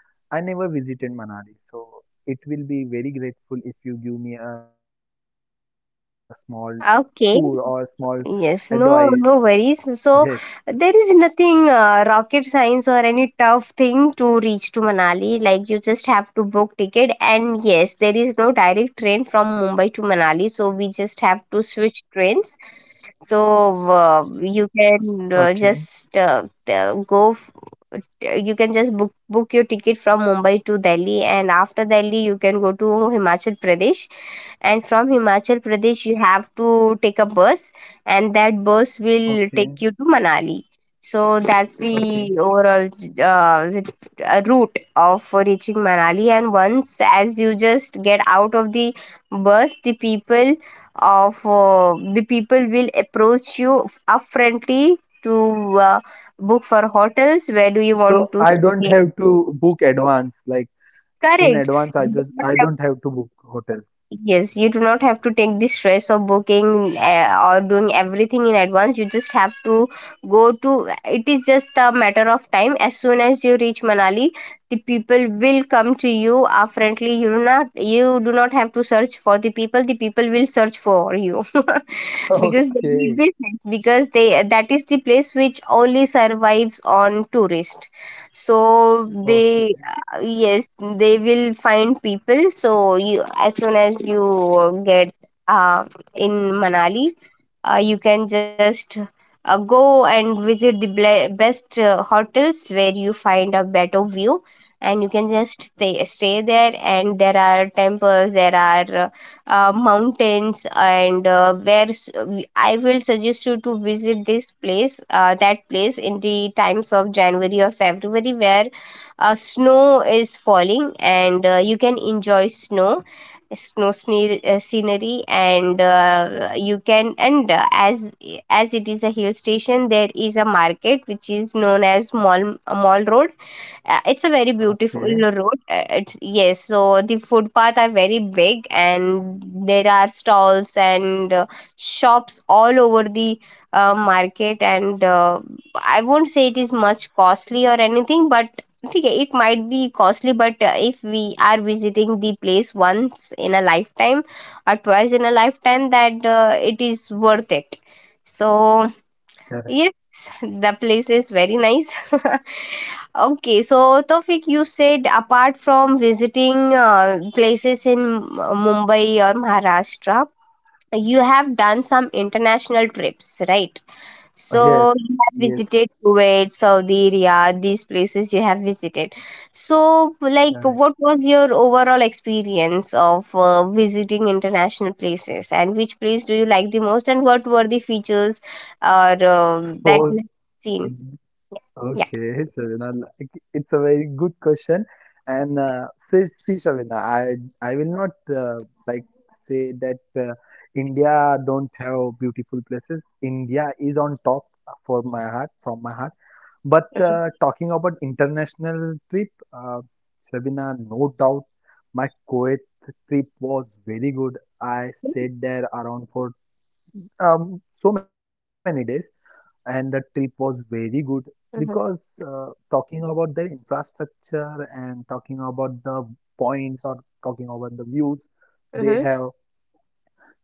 B: I never visited Manali. So it will be very grateful if you give me a small tour or a small
A: okay.
B: advice.
A: Yes, no,
B: Yes.
A: no worries. So there is nothing uh, rocket science or any tough thing to reach to Manali. Like you just have to book ticket, and yes, there is no direct train from Mumbai to Manali, so we just have to switch trains. So uh,
B: Okay,
A: you can uh, just uh, t- go. f- t- You can just book book your ticket from Mumbai to Delhi, and after Delhi, you can go to Himachal Pradesh. And from Himachal Pradesh, you have to take a bus, and that bus will
B: okay,
A: take you to Manali. So that's the
B: okay.
A: overall uh, the, uh, route of reaching Manali. And once, as you just get out of the bus, the people of uh, the people will approach you up to uh, book for hotels where do you want
B: So
A: to
B: I don't
A: stay
B: have to book advance. Like in
A: correct.
B: advance, I
A: You do
B: just
A: not
B: I
A: have-
B: don't have to book hotel.
A: yes, you do not have to take the stress of booking uh, or doing everything in advance, you just have to go to, it is just a matter of time. As soon as you reach Manali, the people will come to you, are you do not you do not have to search for the people, the people will search for you. Because they need
B: Okay,
A: business, because they, that is the place which only survives on tourist, so
B: okay,
A: they uh, yes, they will find people, so you, as soon as you get uh, in Manali, uh, you can just uh, go and visit the ble- best uh, hotels where you find a better view, and you can just stay, stay there. And there are temples, there are uh, uh, mountains, and uh, where s- we- I will suggest you to visit this place, uh, that place in the times of January or February where uh, snow is falling, and uh, you can enjoy snow snow sne- uh, scenery. And uh, you can, and uh, as as it is a hill station, there is a market which is known as mall mall road. Uh, it's a very beautiful
B: okay.
A: road. Uh, It's, yes, so the footpath are very big, and there are stalls and uh, shops all over the uh, market. And uh, I won't say it is much costly or anything, but ठीक है, it might be costly. But uh, if we are visiting the place once in a lifetime or twice in a lifetime, that uh, it is worth it. So
B: Correct.
A: yes, the place is very nice. Okay, so Tofik, you said apart from visiting uh, places in uh, Mumbai or Maharashtra, you have done some international trips, right?
B: Oh,
A: So
B: yes,
A: you have
B: yes,
A: visited Kuwait, Saudi, Riyadh, these places you have visited. So, like,
B: correct.
A: what was your overall experience of uh, visiting international places, and which place do you like the most, and what were the features or um, that
B: So
A: you have seen? Yeah.
B: okay, Shavina, like, it's a very good question. And uh, see, see, Shavina, I I will not uh, like say that uh, India don't have beautiful places. India is on top for my heart, from my heart. But uh, talking about international trip, uh, Shabina, no doubt my Kuwait trip was very good. I stayed there around for um, so many days, and the trip was very good because
A: Mm-hmm.
B: uh, talking about their infrastructure, and talking about the points or talking about the views they
A: Mm-hmm.
B: have,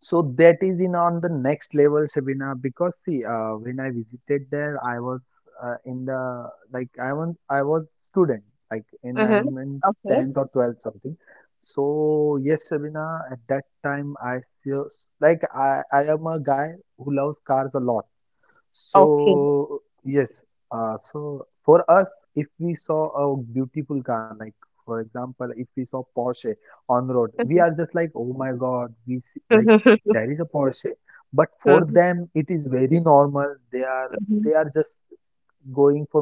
B: so that is in on the next level, Shabina, because see, uh, when I visited there, I was uh, in the like I was I was student, like in I
A: Mm-hmm.
B: am in
A: Okay.
B: tenth or twelfth something. So yes, Shabina, at that time I see, like I I am a guy who loves cars a lot.
A: Okay.
B: So yes, uh, so for us, if we saw a beautiful car, like for example, if we saw Porsche on road, we are just like, oh my God, we see, like there is a Porsche. But for them, it is very normal. They are they are just going for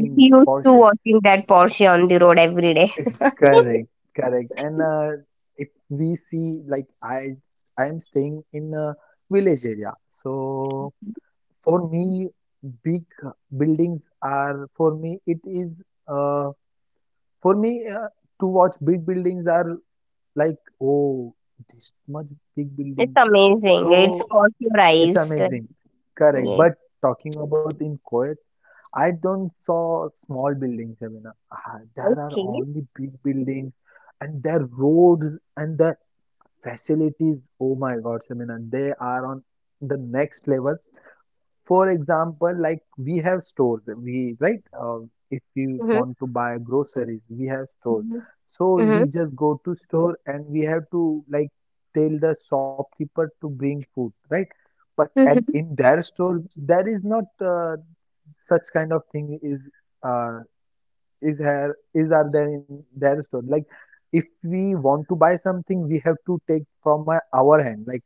A: He used to
B: Porsche.
A: watching that Porsche on the road every day.
B: Correct, correct. And uh, if we see, like I, I am staying in a village area, so. For me, big buildings are for me it is uh, for me uh, to watch big buildings are like, oh, this much big
A: It's
B: building,
A: amazing. It's
B: so
A: caught your
B: it's
A: eyes. Like,
B: amazing. Correct,
A: yeah.
B: but talking about in Kuwait, I don't saw small buildings. I mean uh, there are
A: Okay.
B: only big buildings, and their roads and their facilities, oh my God, I mean they are on the next level. For example, like we have stores, we, right? Uh, if you
A: Mm-hmm.
B: want to buy groceries, we have stores.
A: Mm-hmm.
B: So we just go to store, and we have to like tell the shopkeeper to bring food, right? But at
A: Mm-hmm.
B: in their store, there is not uh, such kind of thing is uh, is here is are there in their store. Like if we want to buy something, we have to take from my, our hand. Like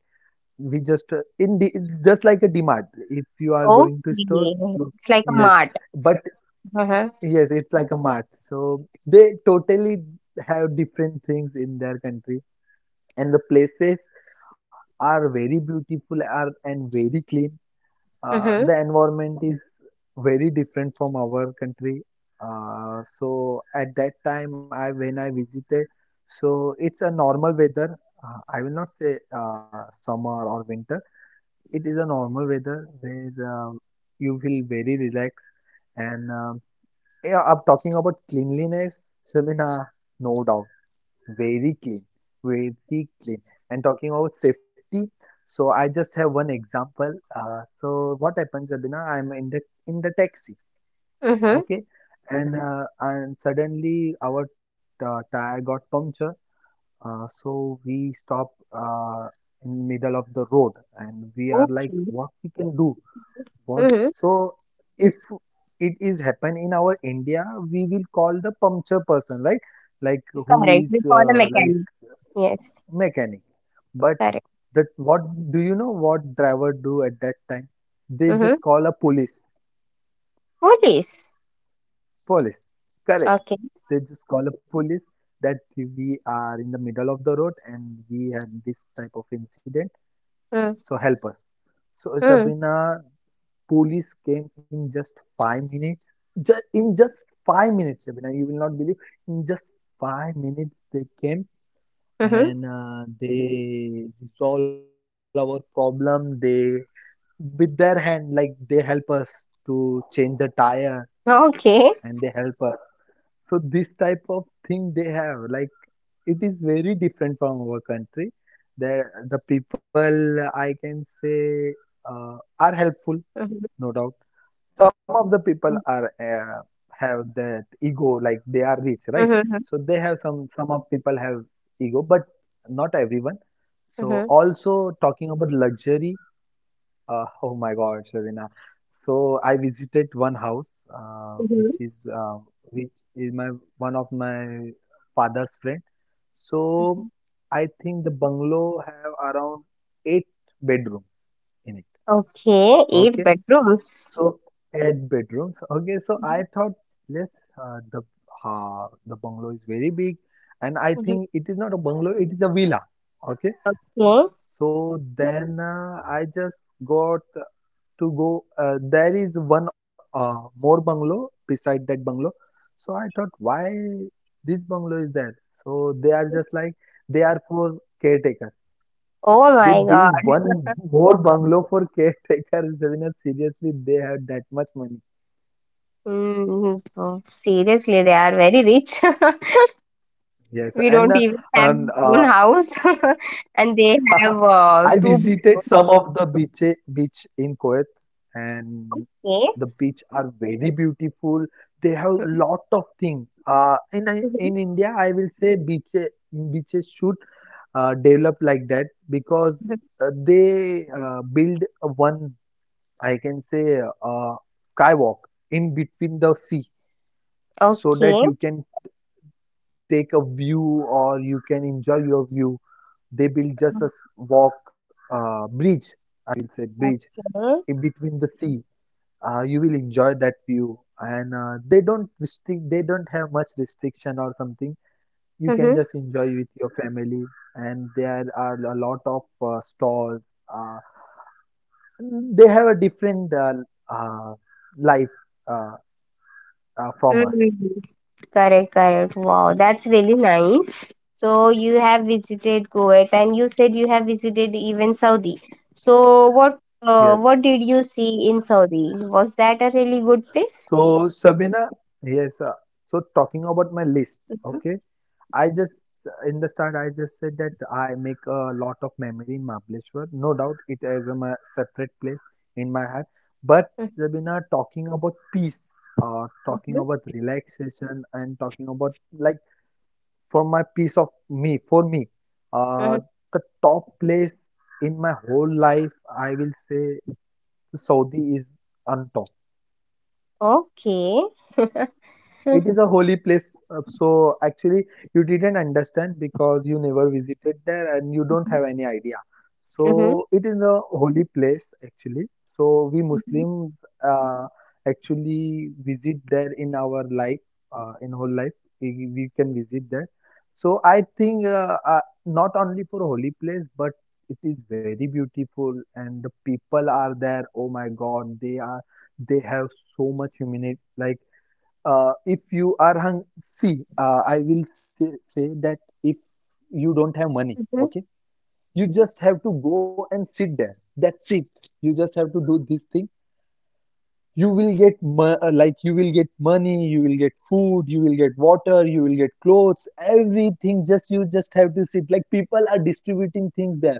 B: we just uh, in the it's just like a DMart. If you are
A: Okay.
B: going to store, look,
A: It's like a
B: yes,
A: mart.
B: but
A: Mm-hmm.
B: yes, it's like a mart. So they totally have different things in their country, and the places are very beautiful, are and very clean. Uh,
A: Mm-hmm.
B: the environment is very different from our country. Uh, so at that time, I when I visited, so it's a normal weather. Uh, I will not say uh, summer or winter, it is a normal weather where um, you feel very relaxed. And um, yeah, I'm talking about cleanliness, Shamina, no doubt, very clean, very clean. And talking about safety, so I just have one example. Uh, so what happens, Shabina? I'm in the in the taxi,
A: Mm-hmm.
B: okay, and Mhm. uh, and suddenly our uh, tire got puncture. Uh, so we stop uh, in middle of the road, and we are like,
A: Okay.
B: what we can do? What?
A: Mm-hmm.
B: So if it is happen in our India, we will call the puncture person, right? Like who
A: Correct.
B: is
A: We call a
B: uh, like
A: mechanic. Yes.
B: mechanic. But
A: Correct.
B: that what do you know what driver do at that time? They
A: Mm-hmm.
B: just call a police.
A: Police.
B: Police. Correct.
A: Okay.
B: They just call a police that we are in the middle of the road and we had this type of incident.
A: Mm-hmm.
B: So help us. So Shabina, police came in just five minutes. Just in just five minutes, Abhinay, you will not believe. In just five minutes, they came
A: Mm-hmm.
B: and uh, they resolve our problem. They with their hand, like they help us to change the tire
A: Okay.
B: and they help us. So this type of thing they have, like it is very different from our country. There, the people I can say uh, are helpful, no doubt some of the people are uh, have that ego, like they are rich, right?
A: Mm-hmm.
B: So they have some some of people have ego, but not everyone. So
A: Mhm,
B: also talking about luxury, uh, oh my god, Shavina, so I visited one house uh,
A: mhm,
B: which is uh, which is my one of my father's friend.
A: mhm.
B: So I think the bungalow have around eight bedrooms in it.
A: Okay, eight
B: Okay,
A: bedrooms.
B: so eight bedrooms. Okay, so
A: Mhm,
B: I thought yes, uh, the uh, the bungalow is very big, and I
A: mhm.
B: think it is not a bungalow, it is a villa. Okay,
A: Okay.
B: so then uh, I just got to go. Uh, there is one uh, more bungalow beside that bungalow, so I thought why this bungalow is there? So they are just like they are for caretaker.
A: Oh
B: They
A: my God.
B: build one more bungalow for caretaker. Ravina, seriously, they have that much money.
A: Mm, oh, seriously, they are very rich.
B: Yes,
A: We don't
B: and uh,
A: even have
B: and
A: own
B: uh,
A: house, and they have uh,
B: I
A: two
B: visited
A: bedrooms.
B: some of the beach beach in Kuwait, and
A: Okay.
B: the beach are very beautiful. They have
A: Mhm,
B: lot of thing. Uh, in I-
A: mhm,
B: in India, I will say beaches beaches should uh, develop like that because
A: mhm.
B: uh, they uh, build a one, I can say uh, skywalk in between the sea so that
A: Okay.
B: you can take a view or you can enjoy your view. They built just a walk, uh, bridge, I will say bridge
A: Okay.
B: in between the sea. Uh, you will enjoy that view, and uh, they don't restrict. They don't have much restriction or something. You can
A: Mm-hmm.
B: just enjoy with your family, and there are a lot of uh, stalls. Uh, they have a different uh, uh, life uh, uh, from us.
A: Mm-hmm. Correct, correct. Wow, that's really nice. So you have visited Kuwait, and you said you have visited even Saudi. So what uh,
B: Yes.
A: what did you see in Saudi? Was that a really good place?
B: So Sabina, yes. Uh, so talking about my list,
A: Mhm,
B: okay. I just in the start I just said that I make a lot of memory in Mahabaleshwar. No doubt it is a ma- separate place in my heart. But
A: mhm,
B: Rabina, talking about peace, uh, talking
A: mhm,
B: about relaxation and talking about like for my peace of me, for me,
A: mhm.
B: uh, the top place in my whole life I will say Saudi is on top.
A: Okay.
B: It is a holy place. uh, So actually, you didn't understand because you never visited there and you don't have any idea.
A: Mhm,
B: So it is a holy place actually. So we Muslims uh, actually visit there in our life, uh, in whole life. We, we can visit there. So I think uh, uh, not only for holy place, but it is very beautiful and the people are there. Oh my God, they are they have so much humanity. Like uh, if you are hung see uh, I will say, say that if you don't have money,
A: mhm.
B: okay, you just have to go and sit there, that's it, you just have to do this thing. You will get mo- uh, like you will get money, you will get food, you will get water, you will get clothes, everything. Just you just have to sit, like people are distributing things there.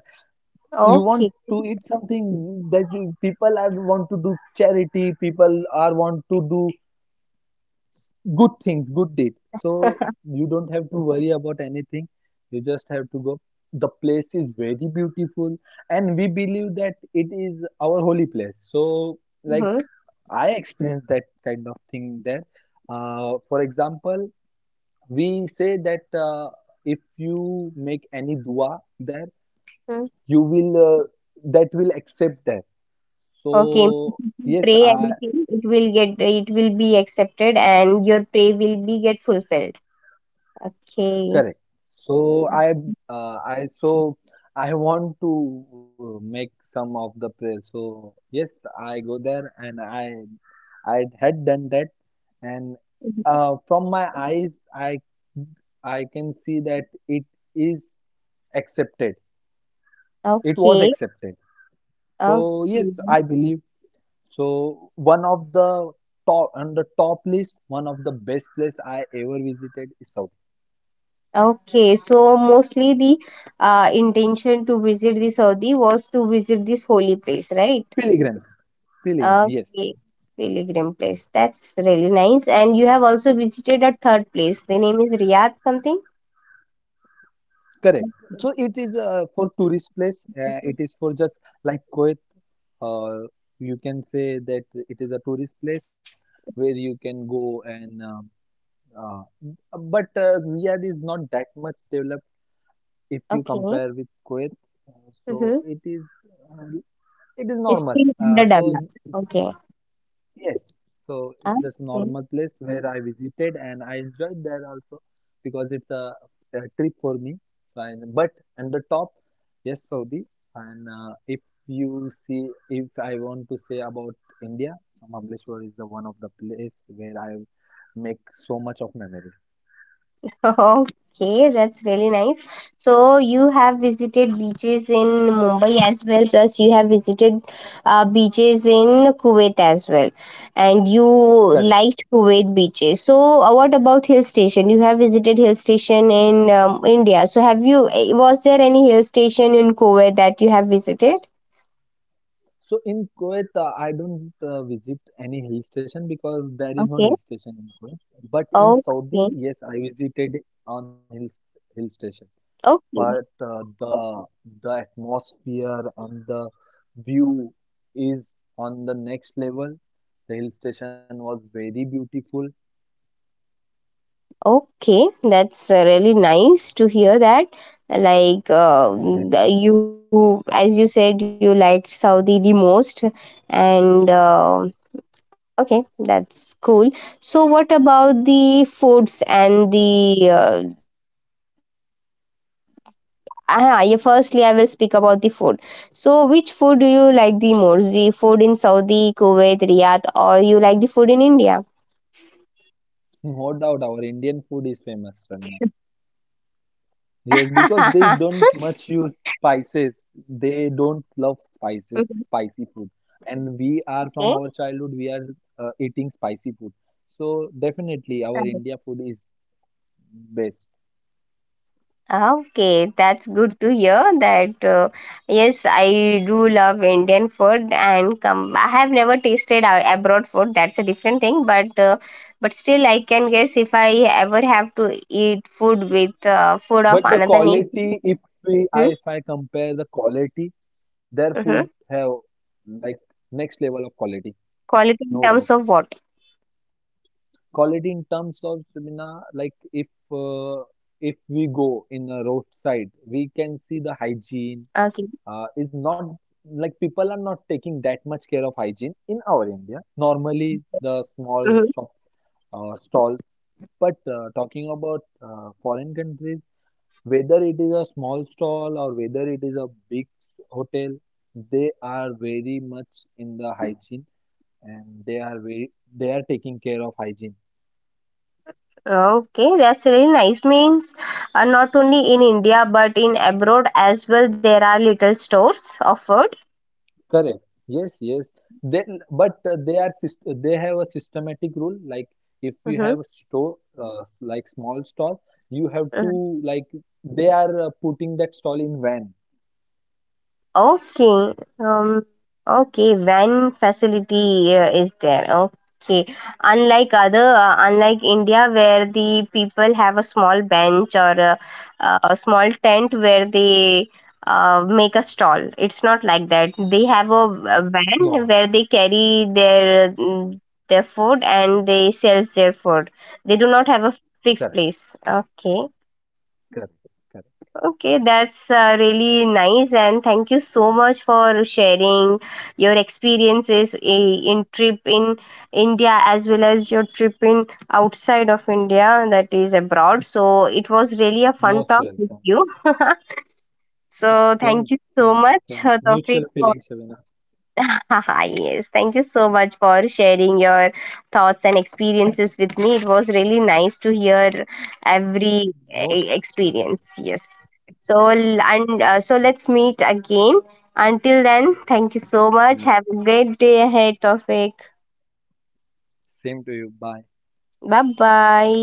B: You want
A: Okay.
B: to eat something, that you people are want to do charity, people are want to do good things, good deed. So you don't have to worry about anything. You just have to go. The place is very beautiful, and we believe that it is our holy place. So, like
A: Mhm,
B: I experienced that kind of thing there. Uh, for example, we say that uh, if you make any dua there,
A: mhm.
B: you will uh, that will accept that.
A: Okay.
B: So yes,
A: Pray
B: I.
A: anything, it will get, it will be accepted, and your pray will be get fulfilled. Okay.
B: Correct. So I uh, I so I want to uh, make some of the prayer. So yes, I go there and I I had done that, and uh, from my eyes I I can see that it is accepted. It was
A: Okay,
B: accepted. So
A: okay,
B: yes, I believe. So one of the top, on the top list, one of the best place I ever visited is South.
A: okay. So mostly the uh, intention to visit the Saudi was to visit this holy place, right?
B: Pilgrims. Pilgrim. Yes.
A: Okay, pilgrim place. That's really nice. And you have also visited a third place. The name is Riyadh something.
B: Correct. So
A: Okay.
B: it is uh, for tourist place. Uh, it
A: Mhm.
B: is for just like Kuwait. Uh, you can say that it is a tourist place where you can go and. um uh, but uh, Riyadh is not that much developed if you
A: Okay.
B: compare with Kuwait. Uh,
A: Mm-hmm.
B: so it is uh, it is
A: It's
B: normal.
A: still under
B: Uh,
A: development.
B: so
A: Okay.
B: yes, so it's just
A: Okay.
B: normal place where I visited and I enjoyed there also because it's a, a trip for me. So I, but and the top, yes, Saudi. And uh, if you see, if I want to say about India, so Mahabaleshwar is the one of the place where I make so much of memories.
A: Okay, that's really nice. So you have visited beaches in Mumbai as well, plus you have visited uh, beaches in Kuwait as well, and you
B: Correct.
A: liked Kuwait beaches. So uh, what about hill station? You have visited hill station in um, India. So have you? Eh, was there any hill station in Kuwait that you have visited?
B: So in Kuwait, uh, I don't uh, visit any hill station because there is no
A: Okay.
B: hill station in Kuwait. But in
A: Okay.
B: Saudi, yes, I visited on hill hill station. But
A: Okay.
B: uh, the the atmosphere and the view is on the next level. The hill station was very beautiful.
A: Okay, that's uh, really nice to hear that. Like uh,
B: Yes,
A: the- you, as you said, you liked Saudi the most, and uh, okay, that's cool. So, what about the foods and the? Uh, uh, yeah, firstly, I will speak about the food. So, which food do you like the most? The food in Saudi, Kuwait, Riyadh, or you like the food in India?
B: no doubt our Indian food is famous, Ravina. Yes, because they don't much use spices. They don't love spices, spicy food. And
A: Okay.
B: we are from our childhood, we are uh, eating spicy food. So definitely our India food is best.
A: Okay, that's good to hear that. Uh, yes, I do love Indian food and come. I have never tasted a- abroad food. That's a different thing, but uh, but still, I can guess if I ever have to eat food with uh, food of
B: But the
A: another nation,
B: quality, if we, I,
A: mm-hmm.
B: if I compare the quality, their food
A: Mm-hmm.
B: have like next level of quality,
A: Quality in
B: no
A: terms
B: doubt.
A: of what?
B: Quality in terms of Sabina, like if uh, if we go in a roadside, we can see the hygiene
A: Okay.
B: uh, is not like people are not taking that much care of hygiene in our India. Normally, the small
A: Mm-hmm.
B: shop uh, stalls, but uh, talking about uh, foreign countries, whether it is a small stall or whether it is a big hotel, they are very much in the hygiene and they are very they are taking care of hygiene.
A: Okay, that's really nice. Means uh, not only in India but in abroad as well, there are little stores of food.
B: Correct, yes, yes. Then but uh, they are syst- they have a systematic rule, like if you
A: Mm-hmm.
B: have a store uh, like small stall, you have to
A: Mm-hmm.
B: like they are uh, putting that stall in van.
A: Okay. Um, okay. Van facility uh, is there. Okay. Unlike other, uh, unlike India, where the people have a small bench or a, a small tent where they uh, make a stall. It's not like that. They have a, a
B: No.
A: van where they carry their mm, their food, and they sells their food. They do not have a
B: Correct,
A: fixed place. Okay.
B: correct, correct.
A: Okay, that's uh, really nice, and thank you so much for sharing your experiences i- in trip in India as well as your trip in outside of India, that is abroad. So it was really a fun
B: Most
A: talk
B: welcome.
A: with you. So
B: same
A: thank you
B: same
A: so much,
B: Same
A: uh,
B: mutual
A: Tawfiq,
B: feeling,
A: for
B: Shavina.
A: yes, thank you so much for sharing your thoughts and experiences with me. It was really nice to hear every
B: Most
A: eh,
B: welcome.
A: experience. Yes. So l- and uh,
B: Okay.
A: so let's meet again. Until then, thank you so
B: Yeah.
A: much. Have a great day ahead, Tofik.
B: Same to you. Bye.
A: Bye bye.